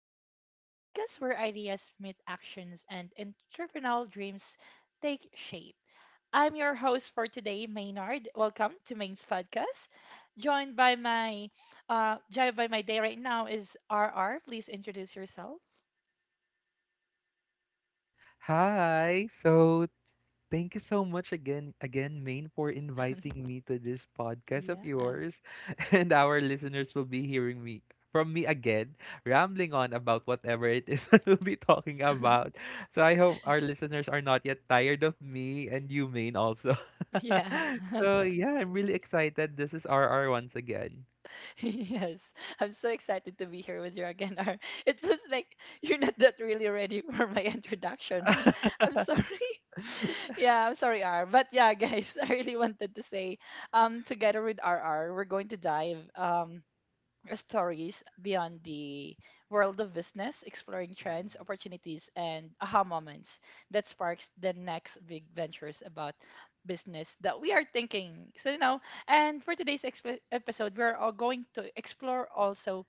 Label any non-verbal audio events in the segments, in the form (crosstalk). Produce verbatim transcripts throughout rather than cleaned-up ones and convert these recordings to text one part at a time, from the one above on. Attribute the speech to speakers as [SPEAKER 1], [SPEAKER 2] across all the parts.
[SPEAKER 1] Moves, the podcast where ideas meet actions and entrepreneurial dreams take shape. I'm your host for today, Maynard. Welcome to Main's podcast. Joined by my, uh, joined by my day right now is R R. Please introduce yourself.
[SPEAKER 2] Hi. So thank you so much again, again, Main, for
[SPEAKER 1] (laughs)
[SPEAKER 2] inviting me to this podcast of
[SPEAKER 1] yes.
[SPEAKER 2] yours. (laughs) And our listeners will be hearing me from me again, rambling on about whatever it is (laughs) that we'll be talking about.
[SPEAKER 1] (laughs)
[SPEAKER 2] So I hope our listeners are not yet tired of me and you, Main, also. (laughs)
[SPEAKER 1] Yeah. (laughs)
[SPEAKER 2] So yeah, I'm really excited. This is R R once again.
[SPEAKER 1] Yes, I'm so excited to be here with you again, Ar. It was like you're not that really ready (laughs) for my introduction. (laughs) I'm sorry. Yeah, I'm sorry, R. But yeah, guys, (laughs) I really wanted to say, um, together with R. R. we're going to dive um stories beyond the world of business, exploring trends,
[SPEAKER 2] Mm-mm,
[SPEAKER 1] opportunities, and aha moments that sparks the next big ventures about business that we are thinking. So, you know, and for today's exp- episode, we're all going to explore also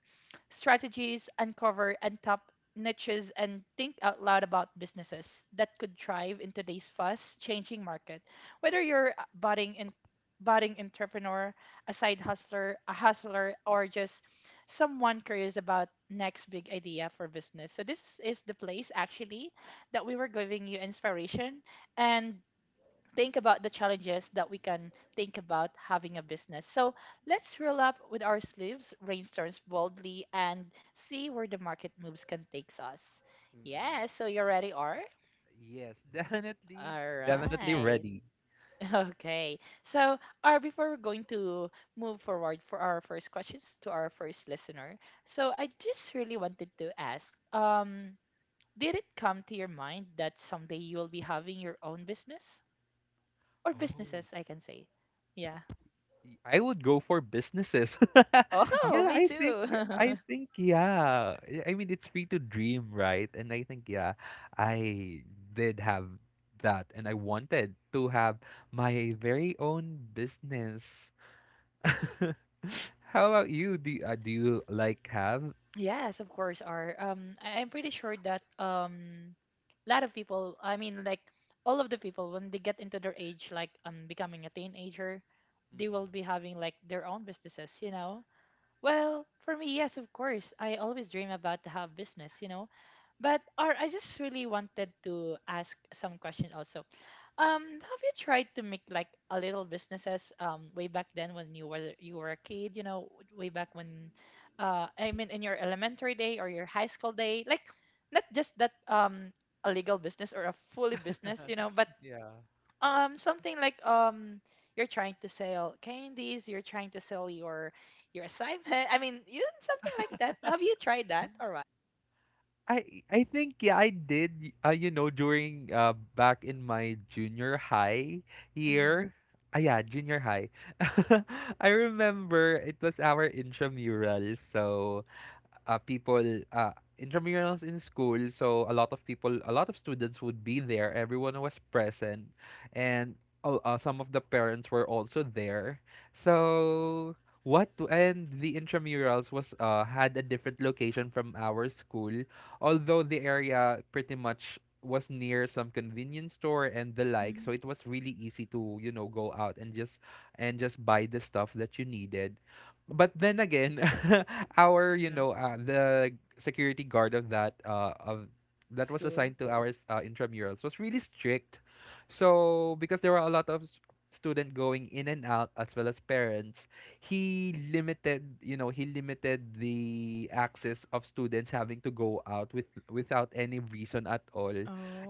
[SPEAKER 1] strategies, uncover and top niches, and think out loud about businesses that could thrive in today's fast changing market. Whether you're a budding in budding entrepreneur, a side hustler, a hustler, or just someone curious about next big idea for business. So this is the place actually that we were giving you inspiration and think about the challenges that we can think about having a business. So let's roll up with our sleeves, rainstorms boldly, and see where the market moves can takes us.
[SPEAKER 2] mm-mm.
[SPEAKER 1] Yeah, so you're ready, R?
[SPEAKER 2] Yes, (laughs) definitely,
[SPEAKER 1] All
[SPEAKER 2] definitely
[SPEAKER 1] right.
[SPEAKER 2] ready.
[SPEAKER 1] Okay. So, uh, before we're going to move forward for our first questions to our first listener, so I just really wanted to ask, um, did it come to your mind that someday you will be having your own business or
[SPEAKER 2] Oh.
[SPEAKER 1] businesses, I can say? Yeah.
[SPEAKER 2] Y- I would go for businesses. (laughs)
[SPEAKER 1] Oh, (laughs)
[SPEAKER 2] Yeah,
[SPEAKER 1] me
[SPEAKER 2] I think
[SPEAKER 1] too.
[SPEAKER 2] I
[SPEAKER 1] (laughs)
[SPEAKER 2] think yeah. Yeah, I mean, it's free to dream, right? And I think yeah, I did have that and I wanted to have my very own business. (laughs) How about you? Do you, uh, do you like have?
[SPEAKER 1] Yes, of course are. Um, I- I'm pretty sure that um, a lot of people. I mean, like all of the people when they get into their age, like um, becoming a teenager, they will
[SPEAKER 2] Mm-mm.
[SPEAKER 1] be having like their own businesses, you know. Well, for me, yes, of course. I always dream about to have business, you know, but or I just really wanted to ask some question also. Um, have you tried to make like a little businesses um way back then when you were you were a kid, you know, way back when uh I mean in your elementary day or your high school day, like not just that um a legal business or a fully business, you know, but
[SPEAKER 2] (laughs) Yeah.
[SPEAKER 1] um something like um you're trying to sell candies, you're trying to sell your your assignment. I mean, you something like that. Have you tried that or what?
[SPEAKER 2] I I think yeah I did uh, you know during uh back in my junior high
[SPEAKER 1] Mm-hmm.
[SPEAKER 2] year. Ah yeah, junior high. (laughs) I remember it was our intramural. So uh, people, uh, intramurals in school, so a lot of people a lot of students would be there. Everyone was present, and uh, uh, some of the parents were also there. So what to, and the intramurals was uh, had a different location from our school, although the area pretty much was near some convenience store and the like, so
[SPEAKER 1] Hmm.
[SPEAKER 2] it was really easy to, you know, go out and just and just buy the stuff that you needed. But then again, (laughs) our you
[SPEAKER 1] Yeah,
[SPEAKER 2] know uh, the security guard of that uh, of that was
[SPEAKER 1] school.
[SPEAKER 2] assigned to our s- uh, intramurals was really strict. So because there were a lot of s- student going in and out as well as parents, he limited you know he limited the access of students having to go out with without any reason at all.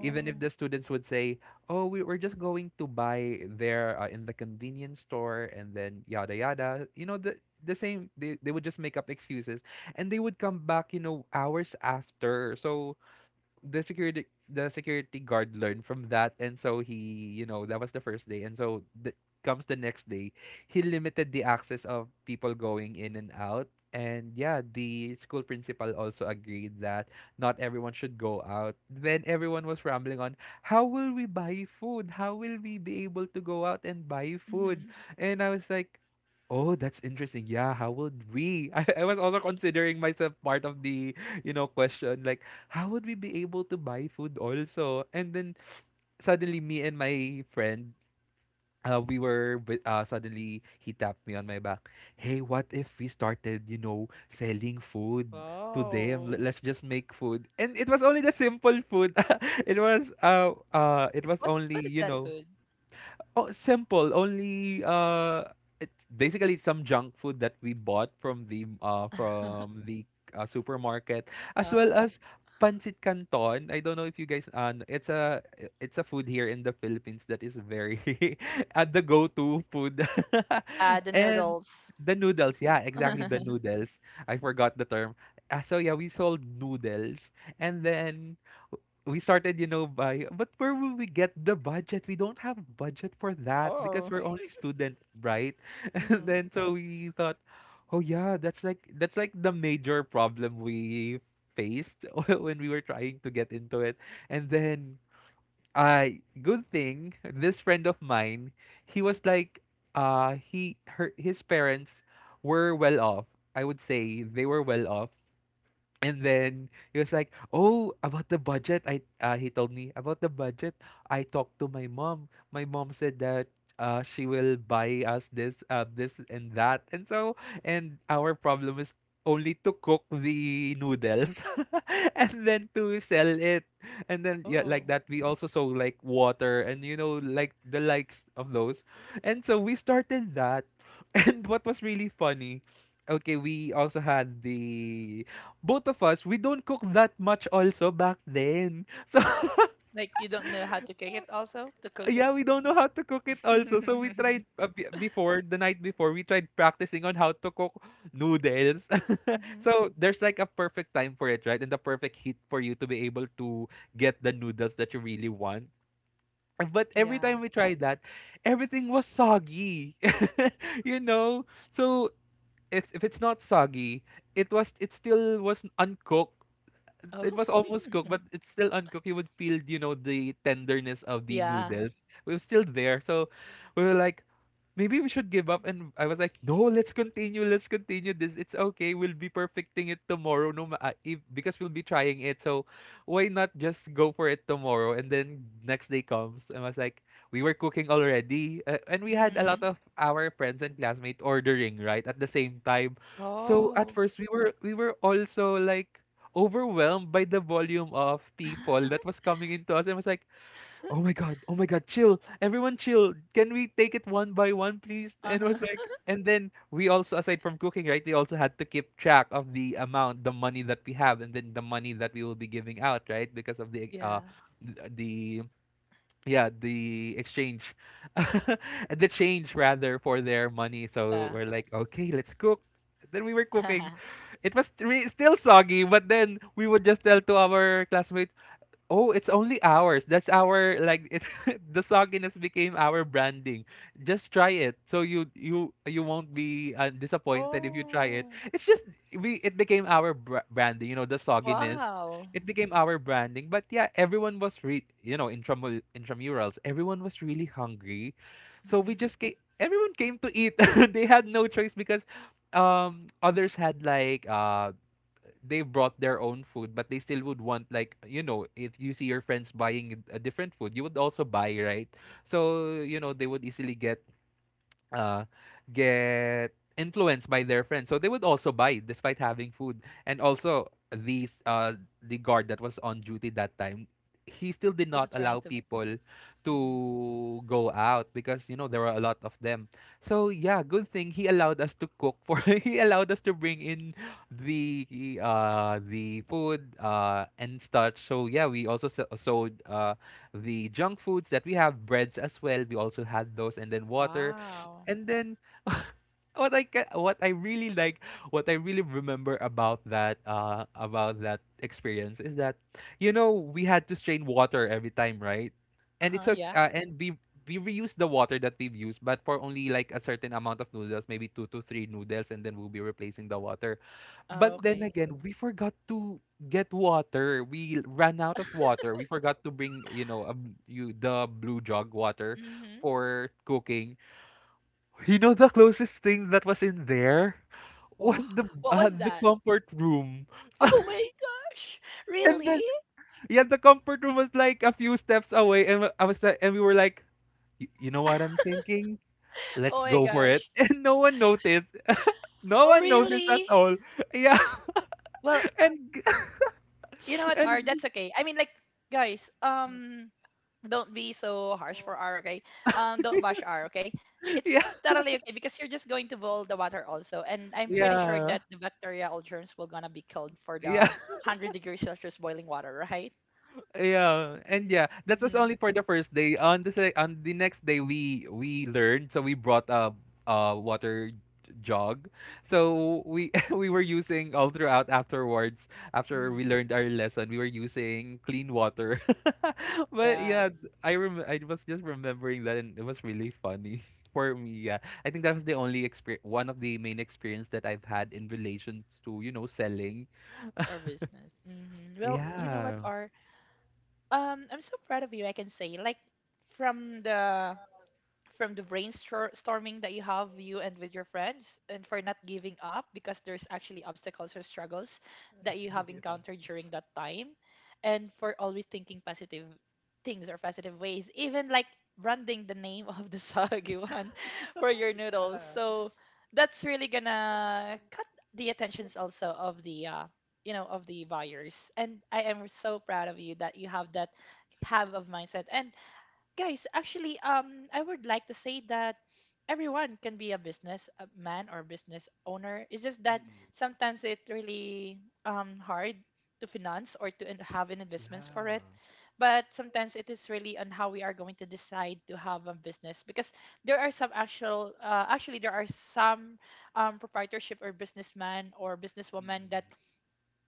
[SPEAKER 2] Even if the students would say, oh, we, we're just going to buy there uh, in the convenience store and then yada yada. You know, the, the same, they, they would just make up excuses, and they would come back, you know, hours after. So the security the security guard learned from that, and so he, you know, that was the first day. And so the, comes the next day, he limited the access of people going in and out. And yeah, the school principal also agreed that not everyone should go out. Then everyone was rambling on, how will we buy food, how will we be able to go out and buy food?
[SPEAKER 1] Mm-hmm.
[SPEAKER 2] And I was like, oh, that's interesting. Yeah, how would we? (laughs) i, I was also considering myself part of the, you know, question, like, how would we be able to buy food also? And then suddenly me and my friend, uh, we were wi- uh, suddenly he tapped me on my back. Hey, what if we started, you know, selling food to them? Let-
[SPEAKER 1] Wow.
[SPEAKER 2] Let's just make food. And it was only the simple food. (laughs) it was uh uh it was
[SPEAKER 1] What
[SPEAKER 2] only,
[SPEAKER 1] what is
[SPEAKER 2] you
[SPEAKER 1] that
[SPEAKER 2] know.
[SPEAKER 1] food?
[SPEAKER 2] Oh, simple. Only uh, it's basically some junk food that we bought from the uh from the uh, supermarket, as well
[SPEAKER 1] Oh.
[SPEAKER 2] as pancit canton. I don't know if you guys uh, kn- it's a it's a food here in the Philippines that is very (laughs) uh, the go-to food,
[SPEAKER 1] Uh, the
[SPEAKER 2] (laughs) and
[SPEAKER 1] noodles.
[SPEAKER 2] the noodles. Yeah, exactly the
[SPEAKER 1] (laughs)
[SPEAKER 2] noodles. I forgot the term. Uh, so yeah, we sold noodles, and then we started, you know, by, but where will we get the budget? We don't have budget for that because
[SPEAKER 1] Oh.
[SPEAKER 2] we're only student, right? (laughs) And
[SPEAKER 1] Hmm.
[SPEAKER 2] then so we thought, oh yeah, that's like that's like the major problem we faced (laughs) when we were trying to get into it. And then I good thing this friend of mine, he was like, uh he her his parents were well off. I would say they were well off. And then he was like, "Oh, about the budget." I uh, He told me about the budget. I talked to my mom. My mom said that uh, she will buy us this, uh, this and that. And so, and our problem is only to cook the noodles, (laughs) and then to sell it. And then yeah, like
[SPEAKER 1] Oh.
[SPEAKER 2] that, we also sold like water and, you know, like the likes of those. And so we started that. (laughs) And what was really funny, okay, we also had the both of us, we don't cook that much also back then. So,
[SPEAKER 1] Like you don't know how to cook it also? To
[SPEAKER 2] (laughs)
[SPEAKER 1] cook it?
[SPEAKER 2] yeah, we don't know how to cook it also. So we
[SPEAKER 1] (laughs)
[SPEAKER 2] tried, uh, b- before, the night before, we tried practicing on how to cook noodles. (laughs)
[SPEAKER 1] Hmm.
[SPEAKER 2] So there's like a perfect time for it, right? And the perfect heat for you to be able to get the noodles that you really want. But every
[SPEAKER 1] Yeah.
[SPEAKER 2] time we tried that, everything was soggy. (laughs) You know? So it's if it's not soggy, it was it still was uncooked.
[SPEAKER 1] Oh.
[SPEAKER 2] It was almost cooked, but
[SPEAKER 1] (laughs)
[SPEAKER 2] it's still uncooked. You would feel, you know, the tenderness of the
[SPEAKER 1] Yeah.
[SPEAKER 2] noodles. It was still there. So we were like, maybe we should give up. And I was like, no, let's continue. Let's continue this. It's okay. We'll be perfecting it tomorrow. No, ma- uh, if, because we'll be trying it. So why not just go for it tomorrow? And then next day comes. And I was like, we were cooking already. Uh, and we had a lot
[SPEAKER 1] Hmm.
[SPEAKER 2] of our friends and classmates ordering, right? At the same time. So at
[SPEAKER 1] Oh.
[SPEAKER 2] first we were, we were also like, overwhelmed by the volume of people that
[SPEAKER 1] (laughs)
[SPEAKER 2] was coming into us. And I was like, oh my god, oh my god, chill. Everyone chill. Can we take it one by one, please? (laughs) And it
[SPEAKER 1] Uh-huh.
[SPEAKER 2] was like,
[SPEAKER 1] (laughs)
[SPEAKER 2] and then we also, aside from cooking, right, they also had to keep track of the amount, the money that we have and then the money that we will be giving out, right? Because of the uh
[SPEAKER 1] Yeah.
[SPEAKER 2] th- the yeah, the exchange. (laughs) The change rather for their money. So
[SPEAKER 1] Yeah.
[SPEAKER 2] we're like, "Okay, let's cook." Then we were cooking.
[SPEAKER 1] (laughs)
[SPEAKER 2] It was re- still soggy, but then we would just tell to our classmates, oh, it's only ours. That's our, like, it's (laughs) the sogginess became our branding. Just try it. So you you you won't be uh, disappointed if you try it.
[SPEAKER 1] Oh.
[SPEAKER 2] It's just we it became our br- branding, you know, the sogginess.
[SPEAKER 1] Wow.
[SPEAKER 2] It became our branding. But yeah, everyone was re you know, intramur intramurals. Everyone was really hungry. So we
[SPEAKER 1] Hmm.
[SPEAKER 2] just came, everyone came to eat. (laughs) They had no choice because um others had like uh they brought their own food, but they still would want, like, you know, if you see your friends buying a different food, you would also buy, right? So, you know, they would easily get uh, get influenced by their friends. So they would also buy despite having food. And also these uh, the guard that was on duty that time, he still did
[SPEAKER 1] Also
[SPEAKER 2] not allow
[SPEAKER 1] trying to.
[SPEAKER 2] people
[SPEAKER 1] Hmm.
[SPEAKER 2] to go out because, you know, there were a lot of them. So yeah, good thing he allowed us to cook, for (laughs) he allowed us to bring in the uh the food uh and such. So yeah, we also s- sold uh the junk foods that we have, breads as well. We also had those and then water.
[SPEAKER 1] Wow.
[SPEAKER 2] And then (laughs) what I ca- what I really like, what I really remember about that uh about that experience is that, you know, we had to strain water every time, right? And it's
[SPEAKER 1] Uh-huh.
[SPEAKER 2] okay,
[SPEAKER 1] Yeah.
[SPEAKER 2] uh, and we we reuse the water that we've used, but for only like a certain amount of noodles, maybe two to three noodles, and then we'll be replacing the water.
[SPEAKER 1] Oh,
[SPEAKER 2] But then
[SPEAKER 1] okay.
[SPEAKER 2] again, we forgot to get water. We ran out of water. We forgot to bring, you know, um, you the blue jug water
[SPEAKER 1] Hmm.
[SPEAKER 2] for cooking. You know, the closest thing that was in there
[SPEAKER 1] Wow.
[SPEAKER 2] was the
[SPEAKER 1] What
[SPEAKER 2] uh,
[SPEAKER 1] was
[SPEAKER 2] the
[SPEAKER 1] that?
[SPEAKER 2] comfort room. (laughs) So,
[SPEAKER 1] Oh my gosh!
[SPEAKER 2] and then
[SPEAKER 1] Really?
[SPEAKER 2] yeah, the comfort room was like a few steps away, and I was like, and we were like, "Y- You know what I'm
[SPEAKER 1] (laughs)
[SPEAKER 2] thinking? Let's
[SPEAKER 1] Oh my
[SPEAKER 2] go for it."
[SPEAKER 1] gosh.
[SPEAKER 2] (laughs) And no one noticed. No
[SPEAKER 1] Oh
[SPEAKER 2] one noticed at
[SPEAKER 1] really?
[SPEAKER 2] all. Yeah,
[SPEAKER 1] Well,
[SPEAKER 2] (laughs) and g-
[SPEAKER 1] you know
[SPEAKER 2] (laughs)
[SPEAKER 1] what, R,
[SPEAKER 2] and
[SPEAKER 1] that's okay. I mean like guys, um don't be so harsh for R, okay? Um don't bash R, okay?
[SPEAKER 2] yeah,
[SPEAKER 1] It's totally okay because you're just going to boil the water also and I'm pretty sure
[SPEAKER 2] yeah,
[SPEAKER 1] that the bacteria all germs will gonna be killed for
[SPEAKER 2] yeah.
[SPEAKER 1] the one hundred degrees Celsius boiling water, right?
[SPEAKER 2] Yeah, and yeah, that was only
[SPEAKER 1] Hmm.
[SPEAKER 2] for the first day. On the se- on the next day, we we learned, so we brought a a water j- jug. So we (laughs) we were using all throughout afterwards. After we
[SPEAKER 1] Hmm.
[SPEAKER 2] learned our lesson, we were using clean water. (laughs) But
[SPEAKER 1] Yeah,
[SPEAKER 2] yeah, th- I rem I was just remembering that, and it was really funny (laughs) for me. Yeah, I think that was the only experience, one of the main experience that I've had in relations to, you know, selling.
[SPEAKER 1] our business. Hmm.
[SPEAKER 2] Oh.
[SPEAKER 1] Well, you know what,
[SPEAKER 2] Yeah.
[SPEAKER 1] R? Um, I'm so proud of you. I can say, like, from the from the brainstorming that you have you and with your friends and for not giving up because there's actually obstacles or struggles that you have
[SPEAKER 2] (laughs)
[SPEAKER 1] encountered during that time, and for always thinking positive things or positive ways, even like branding the name of the soggy (laughs) for your noodles,
[SPEAKER 2] Yeah. (laughs)
[SPEAKER 1] so that's really
[SPEAKER 2] Yeah.
[SPEAKER 1] gonna cut the attentions also of the uh, you know, of the buyers. And I am so proud of you that you have that have of mindset. And guys, actually, um I would like to say that everyone can be a business a man or business owner. It's just that
[SPEAKER 2] Mm.
[SPEAKER 1] sometimes it really um hard to finance or to in- have an investments for it,
[SPEAKER 2] Yeah.
[SPEAKER 1] but sometimes it is really on how we are going to decide to have a business. Because there are some actual uh, actually there are some um, proprietorship or businessman or businesswoman that
[SPEAKER 2] Mm.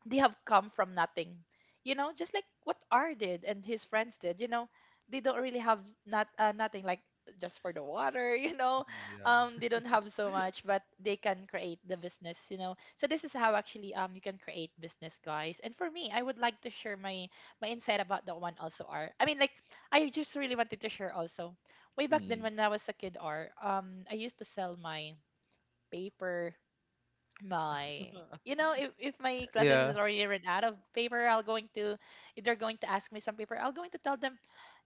[SPEAKER 1] they have come from nothing, you know, just like what R did and his friends did, you know. They don't really have not uh, nothing, like just for the water, (laughs) you know,
[SPEAKER 2] Mm,
[SPEAKER 1] um
[SPEAKER 2] yeah.
[SPEAKER 1] they don't have so much, but they can create the business, you know. So this is how actually um you can create business, guys. And for me, I would like to share my my insight about that one also, R. I mean like I just really wanted to share also way back then
[SPEAKER 2] Mm.
[SPEAKER 1] when I
[SPEAKER 2] (laughs)
[SPEAKER 1] was a kid, R. um I used to sell my paper, my, you know, if, if my classmates
[SPEAKER 2] Yeah.
[SPEAKER 1] is already run out of paper, I'll going to, if they're going to ask me some paper, I'll going to tell them,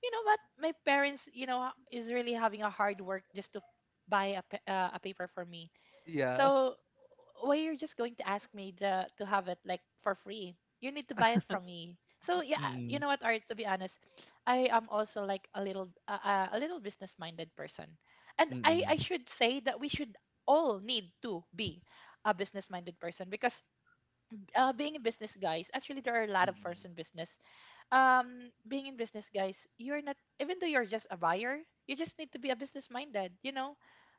[SPEAKER 1] you know what, my parents, you know, is really having a hard work just to buy a, pa- uh, a paper for me.
[SPEAKER 2] Yeah.
[SPEAKER 1] So why you're just going to ask me the, to have it like for free? You need to buy it from me. So yeah, you
[SPEAKER 2] Mm.
[SPEAKER 1] know what, Art? To be honest, I am also like a little uh, uh, a little business minded person, and I I
[SPEAKER 2] Mm.
[SPEAKER 1] should say that we should all need to be a business minded person. Because uh, being a business, guys, actually there are a lot of firms
[SPEAKER 2] Mm.
[SPEAKER 1] in business. um being in business, guys, you're not even though you're just a buyer, you just need to be a business minded, you know.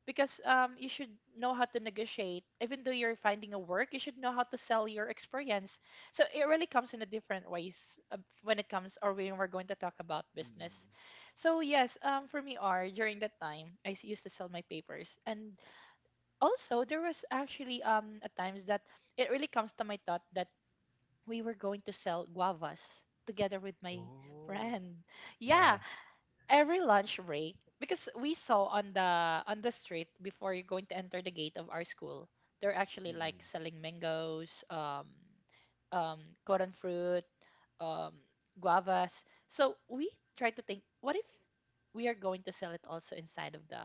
[SPEAKER 1] Because um you should know how to negotiate. Even though you're finding a work, you should know how to sell your experience. So it really comes in a different ways uh, when it comes or when we're going to talk about
[SPEAKER 2] Mm.
[SPEAKER 1] business. So yes, um for me are, during that time, i s- used to sell my papers. And also there was actually um at times that it really comes to my thought that we were going to sell guavas together with my
[SPEAKER 2] Oh,
[SPEAKER 1] friend.
[SPEAKER 2] yeah.
[SPEAKER 1] Yeah, every lunch break, because we saw on the on the street before you're going to enter the gate of our school, they're actually like
[SPEAKER 2] Mm.
[SPEAKER 1] selling mangoes, um, um, cotton fruit, um, guavas. So we try to think, what if we are going to sell it also inside of the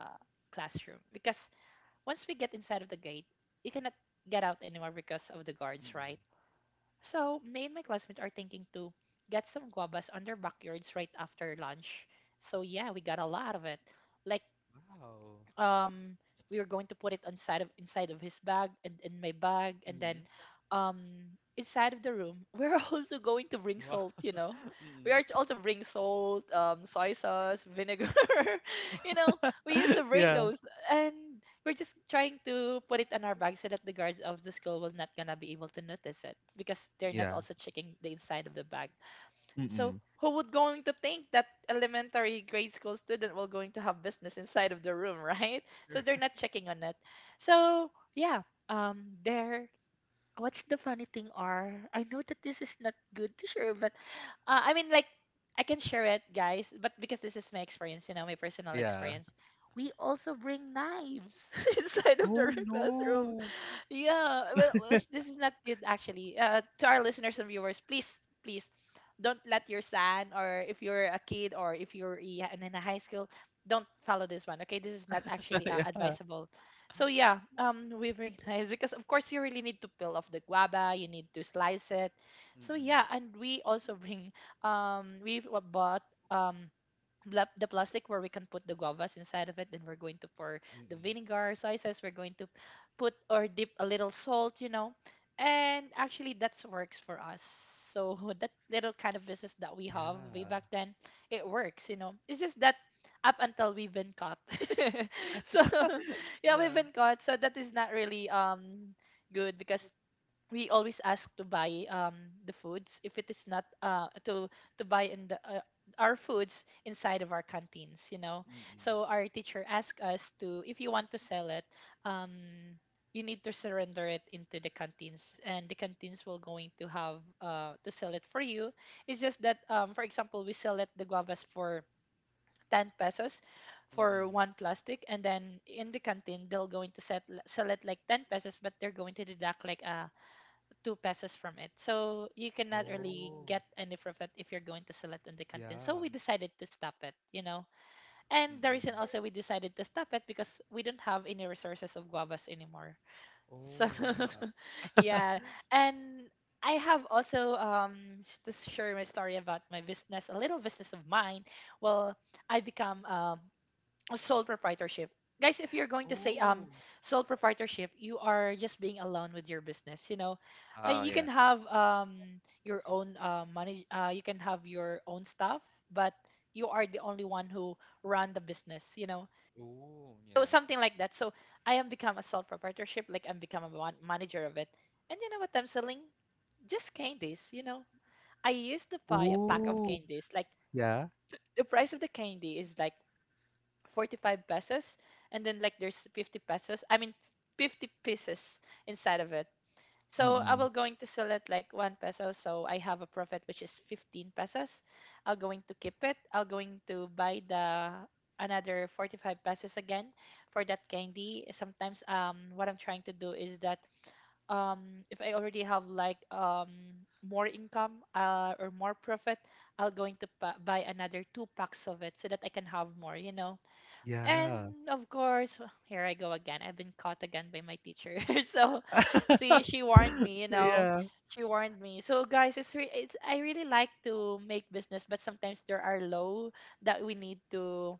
[SPEAKER 1] classroom? Because once we get inside of the gate, you cannot get out anymore because of the guards, right?
[SPEAKER 2] Mm.
[SPEAKER 1] So, me and my classmates are thinking to get some guavas on their backyards right after lunch. So, yeah, we got a lot of it. Like
[SPEAKER 2] Wow.
[SPEAKER 1] um we were going to put it inside of inside of his bag and in my bag, and then
[SPEAKER 2] Mhm.
[SPEAKER 1] um inside of the room (laughs) we're also going to bring
[SPEAKER 2] Wow.
[SPEAKER 1] salt, you know,
[SPEAKER 2] (laughs)
[SPEAKER 1] we are
[SPEAKER 2] Mm.
[SPEAKER 1] to also bring salt, um soy sauce, vinegar. (laughs) You know, we used to bring
[SPEAKER 2] Yeah.
[SPEAKER 1] those, and we're just trying to put it in our bag so that the guards of the school will not gonna be able to notice it, because they're not
[SPEAKER 2] Yeah.
[SPEAKER 1] also checking the inside of the bag. So
[SPEAKER 2] Mm.
[SPEAKER 1] who would going to think that elementary grade school student will going to have business inside of the room, (laughs) right? So they're
[SPEAKER 2] (laughs)
[SPEAKER 1] not checking on it. So yeah, um, there. What's the funny thing are? I know that this is not good to share, but uh, I mean like I can share it, guys. But because this is my experience, you know, my personal
[SPEAKER 2] Yeah.
[SPEAKER 1] experience, we also bring knives (laughs) inside of the
[SPEAKER 2] Oh
[SPEAKER 1] (laughs) classroom
[SPEAKER 2] no.
[SPEAKER 1] yeah. Well, well, sh- this is not it actually. Uh, to our listeners and viewers, please, please, don't let your son or if you're a kid or if you're i- and in a high school, don't follow this one. Okay, this is not
[SPEAKER 2] (laughs)
[SPEAKER 1] actually uh,
[SPEAKER 2] Yeah.
[SPEAKER 1] advisable. So yeah, um, we've recognized (laughs) because of course you really need to peel off the guava, you need to slice it. So
[SPEAKER 2] Mm.
[SPEAKER 1] yeah, and we also bring um, we've uh, bought um bla- the plastic where we can put the guavas inside of it. Then we're going to pour the
[SPEAKER 2] Mm.
[SPEAKER 1] vinegar soy sauce. We're going to put or dip a little salt, you know, and actually that's works for us. So (laughs) that little kind of business that we have way
[SPEAKER 2] Yeah.
[SPEAKER 1] back then, it works, you know. It's just that up until we've been caught. (laughs) So (laughs) yeah, we've
[SPEAKER 2] Yeah.
[SPEAKER 1] been caught. So that is not really um good because we always ask to buy um the foods if it is not uh to to buy in the uh, our foods inside of our canteens, you know.
[SPEAKER 2] Mm.
[SPEAKER 1] So our teacher asked us to, if you want to sell it, um you need to surrender it into the canteens and the canteens will going to have uh to sell it for you. It's just that, um, for example, we sell it the guavas for ten pesos for
[SPEAKER 2] Mm.
[SPEAKER 1] one plastic, and then in the canteen they'll going to set, sell it like ten pesos but they're going to deduct like a two pesos from it. So you cannot really
[SPEAKER 2] Oh,
[SPEAKER 1] get any profit if you're going to sell it in the canteen. So
[SPEAKER 2] yeah.
[SPEAKER 1] we decided to stop it, you know. And the reason
[SPEAKER 2] Mm.
[SPEAKER 1] also we decided to stop it because we don't have any resources of guavas anymore. So
[SPEAKER 2] Oh, yeah.
[SPEAKER 1] (laughs) yeah. And I have also um sh- to share my story about my business, a little business of mine. Well, I become um sole proprietorship. Guys, if you're going to say um
[SPEAKER 2] Oh.
[SPEAKER 1] sole proprietorship, you are just being alone with your business. You know, uh,
[SPEAKER 2] Oh,
[SPEAKER 1] you can
[SPEAKER 2] yeah.
[SPEAKER 1] have um your own uh, money. Uh, you can have your own stuff, but you are the only one who run the business. You know,
[SPEAKER 2] Oh,
[SPEAKER 1] so
[SPEAKER 2] yeah.
[SPEAKER 1] something like that. So I am become a sole proprietorship, like I'm become a man- manager of it. And you know what I'm selling? Just candies. You know, I used to buy a pack of
[SPEAKER 2] Ooh,
[SPEAKER 1] candies. Like
[SPEAKER 2] yeah.
[SPEAKER 1] the price of the candy is like forty-five pesos, and then like there's fifty pesos i mean fifty pieces inside of it. So I
[SPEAKER 2] Mm.
[SPEAKER 1] will going to sell it like one peso, so I have a profit which is fifteen pesos. I'll going to keep it, I'll going to buy the another forty-five pesos again for that candy. Sometimes, um, what I'm trying to do is that, um, if I already have like, um, more income, uh, or more profit, I'll going to pa- buy another two packs of it so that I can have more, you know. And
[SPEAKER 2] Yeah.
[SPEAKER 1] of course, (laughs) here I go again. I've been caught again by my teacher. (laughs) So, see,
[SPEAKER 2] (laughs)
[SPEAKER 1] she warned me. You know,
[SPEAKER 2] Yeah.
[SPEAKER 1] she warned me. So guys, it's re- it's I really like to make business, but sometimes there are law that we need to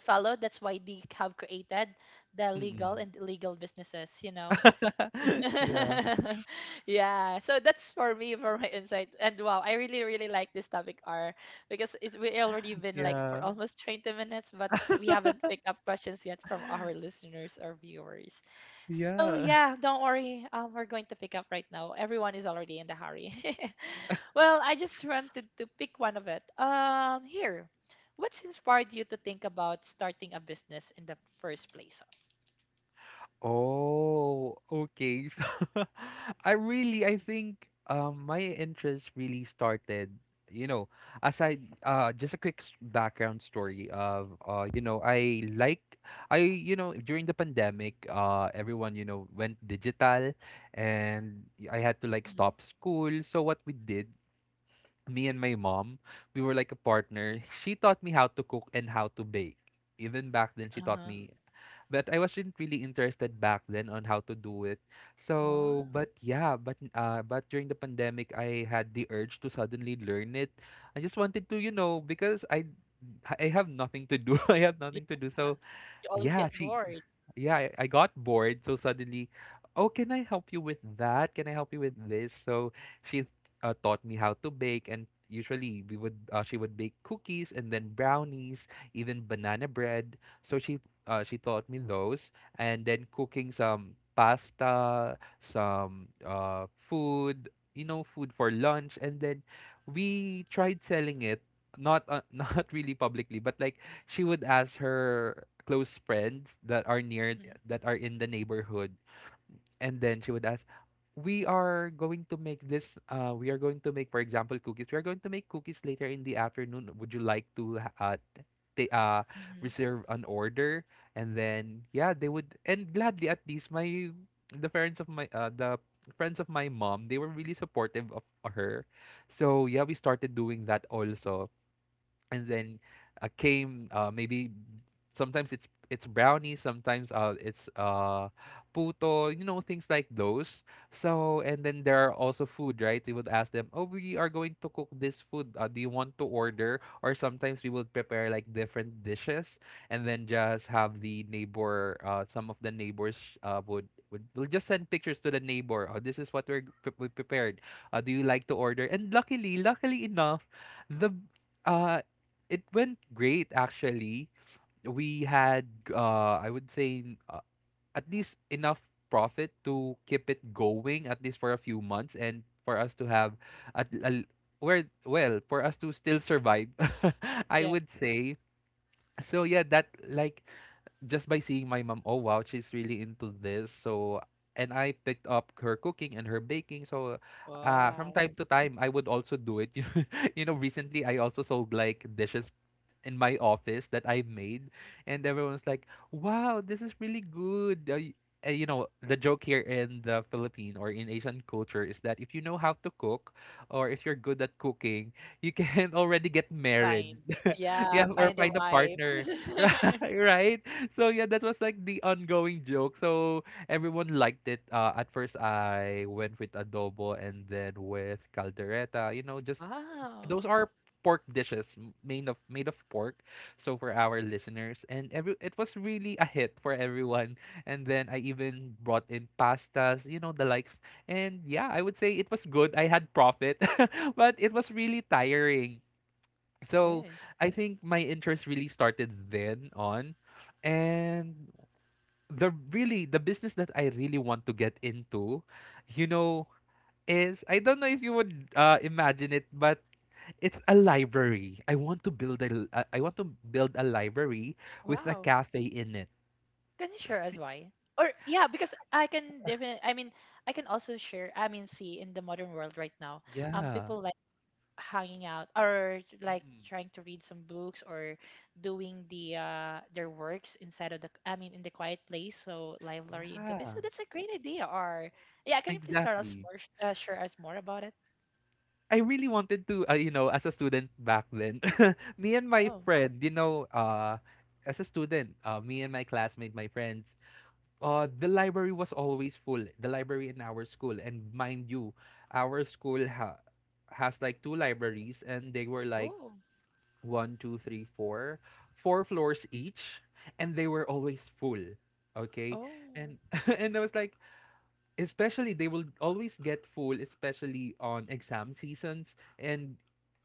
[SPEAKER 1] follow. That's why they have created the legal
[SPEAKER 2] Mm.
[SPEAKER 1] and illegal businesses. You know,
[SPEAKER 2] (laughs) Yeah,
[SPEAKER 1] (laughs) yeah, so that's for me, for my insight. And wow, I really really like this topic, R, because it's we already been like
[SPEAKER 2] yeah,
[SPEAKER 1] for almost twenty minutes, but we haven't picked up questions yet from our listeners or viewers. So
[SPEAKER 2] yeah.
[SPEAKER 1] yeah, don't worry, um, we're going to pick up right now. Everyone is already in the hurry. (laughs) Well, I just wanted to pick one of it, um here. What's inspired you to think about starting a business in the first place?
[SPEAKER 2] Oh, okay. (laughs) So I really I think um my interest really started, you know, aside uh just a quick s- background story of uh you know, I like I you know, during the pandemic, uh everyone, you know, went digital, and I had to like
[SPEAKER 1] Mhm.
[SPEAKER 2] stop school. So what we did, me and my mom, we were like a partner. She taught me how to cook and how to bake. Even back then, she taught
[SPEAKER 1] Uh-huh.
[SPEAKER 2] me, but I wasn't really interested back then on how to do it. So,
[SPEAKER 1] Oh,
[SPEAKER 2] but yeah, but uh, but during the pandemic, I had the urge to suddenly learn it. I just wanted to, you know, because I I have nothing to do. (laughs) I have
[SPEAKER 1] yeah.
[SPEAKER 2] nothing to do. So
[SPEAKER 1] You always
[SPEAKER 2] yeah,
[SPEAKER 1] get
[SPEAKER 2] she
[SPEAKER 1] bored.
[SPEAKER 2] yeah, I, I got bored. So suddenly, oh, can I help you with that? Can I help you with this? So she uh, taught me how to bake, and usually we would uh, she would bake cookies and then brownies, even banana bread. So she uh, she taught me those, and then cooking some pasta, some uh, food, you know, food for lunch, and then we tried selling it. Not uh, (laughs) not really publicly, but like she would ask her close friends that are near,
[SPEAKER 1] Mhm,
[SPEAKER 2] that are in the neighborhood, and then she would ask, we are going to make this, uh we are going to make, for example, cookies. We are going to make cookies later in the afternoon, would you like to ha- uh they uh
[SPEAKER 1] mhm.
[SPEAKER 2] reserve an order? And then, yeah, they would, and gladly, at least my, the parents of my, uh the friends of my mom, they were really supportive of her. So yeah, we started doing that also. And then, uh, came, uh, maybe sometimes it's it's brownie, sometimes uh it's uh puto, you know, things like those. So, and then there are also food, right? We would ask them, oh, we are going to cook this food, uh, do you want to order? Or sometimes we would prepare like different dishes, and then just have the neighbor, uh some of the neighbors uh would would will just send pictures to the neighbor, oh, this is what we're pre- we prepared, uh, do you like to order? And luckily luckily enough, the, uh it went great, actually. We had, uh I would say, uh, at least enough profit to keep it going at least for a few months, and for us to have at al- where, well, for us to still survive, (laughs) I
[SPEAKER 1] Yeah.
[SPEAKER 2] would say. So yeah, that, like, just by seeing my mom, oh wow, she's really into this. So, and I picked up her cooking and her baking. So uh from
[SPEAKER 1] Wow.
[SPEAKER 2] time to time I would also do it. (laughs) You know, you know, recently I also sold like dishes in my office that I made, and everyone's like, "Wow, this is really good." Uh, y- uh, you know, the joke here in the Philippine or in Asian culture is that if you know how to cook or if you're good at cooking, you can (laughs) already get married.
[SPEAKER 1] Fine. Yeah,
[SPEAKER 2] Yeah, or
[SPEAKER 1] find a
[SPEAKER 2] find a
[SPEAKER 1] wife.
[SPEAKER 2] partner. (laughs)
[SPEAKER 1] (laughs)
[SPEAKER 2] Ri- Right? So yeah, that was like the ongoing joke. So everyone liked it. Uh, at first I went with adobo and then with caldereta, you know, just, those
[SPEAKER 1] Wow.
[SPEAKER 2] are pork dishes, m- made of made of pork. So, for our listeners and every, it was really a hit for everyone. And then I even brought in pastas, you know, the likes. And yeah, I would say it was good. I had profit, (laughs) but it was really tiring,
[SPEAKER 1] It
[SPEAKER 2] so
[SPEAKER 1] is.
[SPEAKER 2] I think my interest really started then on. And the really the business that I really want to get into, you know, is, I don't know if you would, uh, imagine it, but it's a library. I want to build a l- uh, I want to build a library with a
[SPEAKER 1] Wow.
[SPEAKER 2] cafe in it.
[SPEAKER 1] Can you share
[SPEAKER 2] S-
[SPEAKER 1] us why? Or yeah, because I can definitely, I mean, I can also share, I mean, see in the modern world right now, um
[SPEAKER 2] Yeah.
[SPEAKER 1] people like hanging out or like
[SPEAKER 2] Mm.
[SPEAKER 1] trying to read some books or doing the uh, their works inside of the, I mean, in the quiet place, so library and cafe,
[SPEAKER 2] Yeah,
[SPEAKER 1] so that's a great idea. Or yeah, can you please tell us
[SPEAKER 2] exactly.
[SPEAKER 1] more, uh, share us more about it?
[SPEAKER 2] I really wanted to, uh, you know, as a student back then, me and my
[SPEAKER 1] Oh.
[SPEAKER 2] friend, you know, uh, as a student, uh, me and my classmate, my friends, uh, the library was always full. The library in our school, and mind you, our school ha- has like two libraries, and they were like
[SPEAKER 1] Oh.
[SPEAKER 2] one, two, three, four, four floors each, and they were always full. Okay,
[SPEAKER 1] Oh.
[SPEAKER 2] and (laughs) and I was like, especially they will always get full, especially on exam seasons. And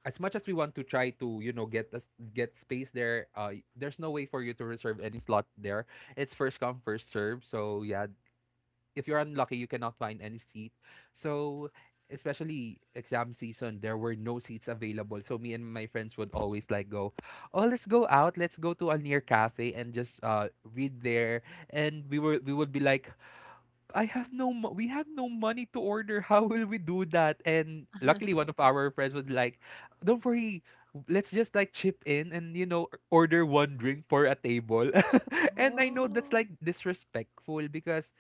[SPEAKER 2] as much as we want to try to, you know, get us, get space there, uh there's no way for you to reserve any slot there. It's first come first serve. So yeah, if you're unlucky, you cannot
[SPEAKER 1] Mhm.
[SPEAKER 2] find any seat.
[SPEAKER 1] Yes.
[SPEAKER 2] So especially exam season, there were no seats available. So me and my friends would always like go, oh, let's go out, let's go to a near cafe and just uh read there. And we were we would be like, I have no mo- we have no money to order. (laughs) How will we do that? And luckily
[SPEAKER 1] (laughs)
[SPEAKER 2] one of our friends was like, don't worry, let's just like chip in and, you know, order one drink for a table. (laughs) And I know that's
[SPEAKER 1] Oh.
[SPEAKER 2] like disrespectful because,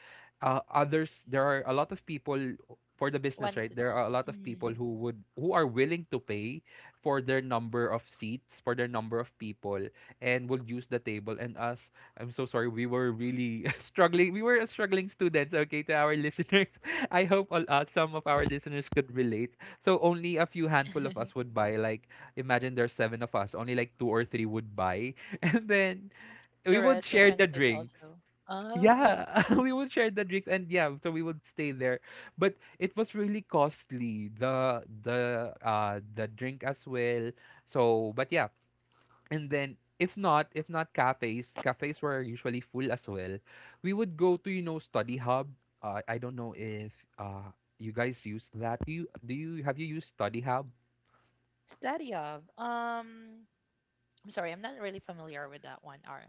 [SPEAKER 2] uh, others, there are a lot of people for the business, right?
[SPEAKER 1] Wanted.
[SPEAKER 2] There are a lot of people
[SPEAKER 1] Mhm.
[SPEAKER 2] who would, who are willing to pay for their number of seats, for their number of people, and would use the table. And us, I'm so sorry. We were really (laughs) struggling. We were struggling students, okay, to our listeners. (laughs) I hope all, uh, some of our listeners could relate. So only a few handful of us
[SPEAKER 1] (laughs)
[SPEAKER 2] would buy. Like, imagine there's seven of us, only like two or three would buy. (laughs) And then
[SPEAKER 1] The
[SPEAKER 2] we would
[SPEAKER 1] rest will
[SPEAKER 2] share the
[SPEAKER 1] consider
[SPEAKER 2] drinks.
[SPEAKER 1] also. Oh,
[SPEAKER 2] Yeah, (laughs) we would share the drinks, and yeah, so we would stay there. But it was really costly, the, the uh the drink as well. So, but yeah, and then if not, if not cafes, cafes were usually full as well. We would go to, you know, study hub. Uh, I don't know if, uh you guys use that. Do you, do you have you used study hub?
[SPEAKER 1] study of um I'm sorry, I'm not really familiar with that one, R.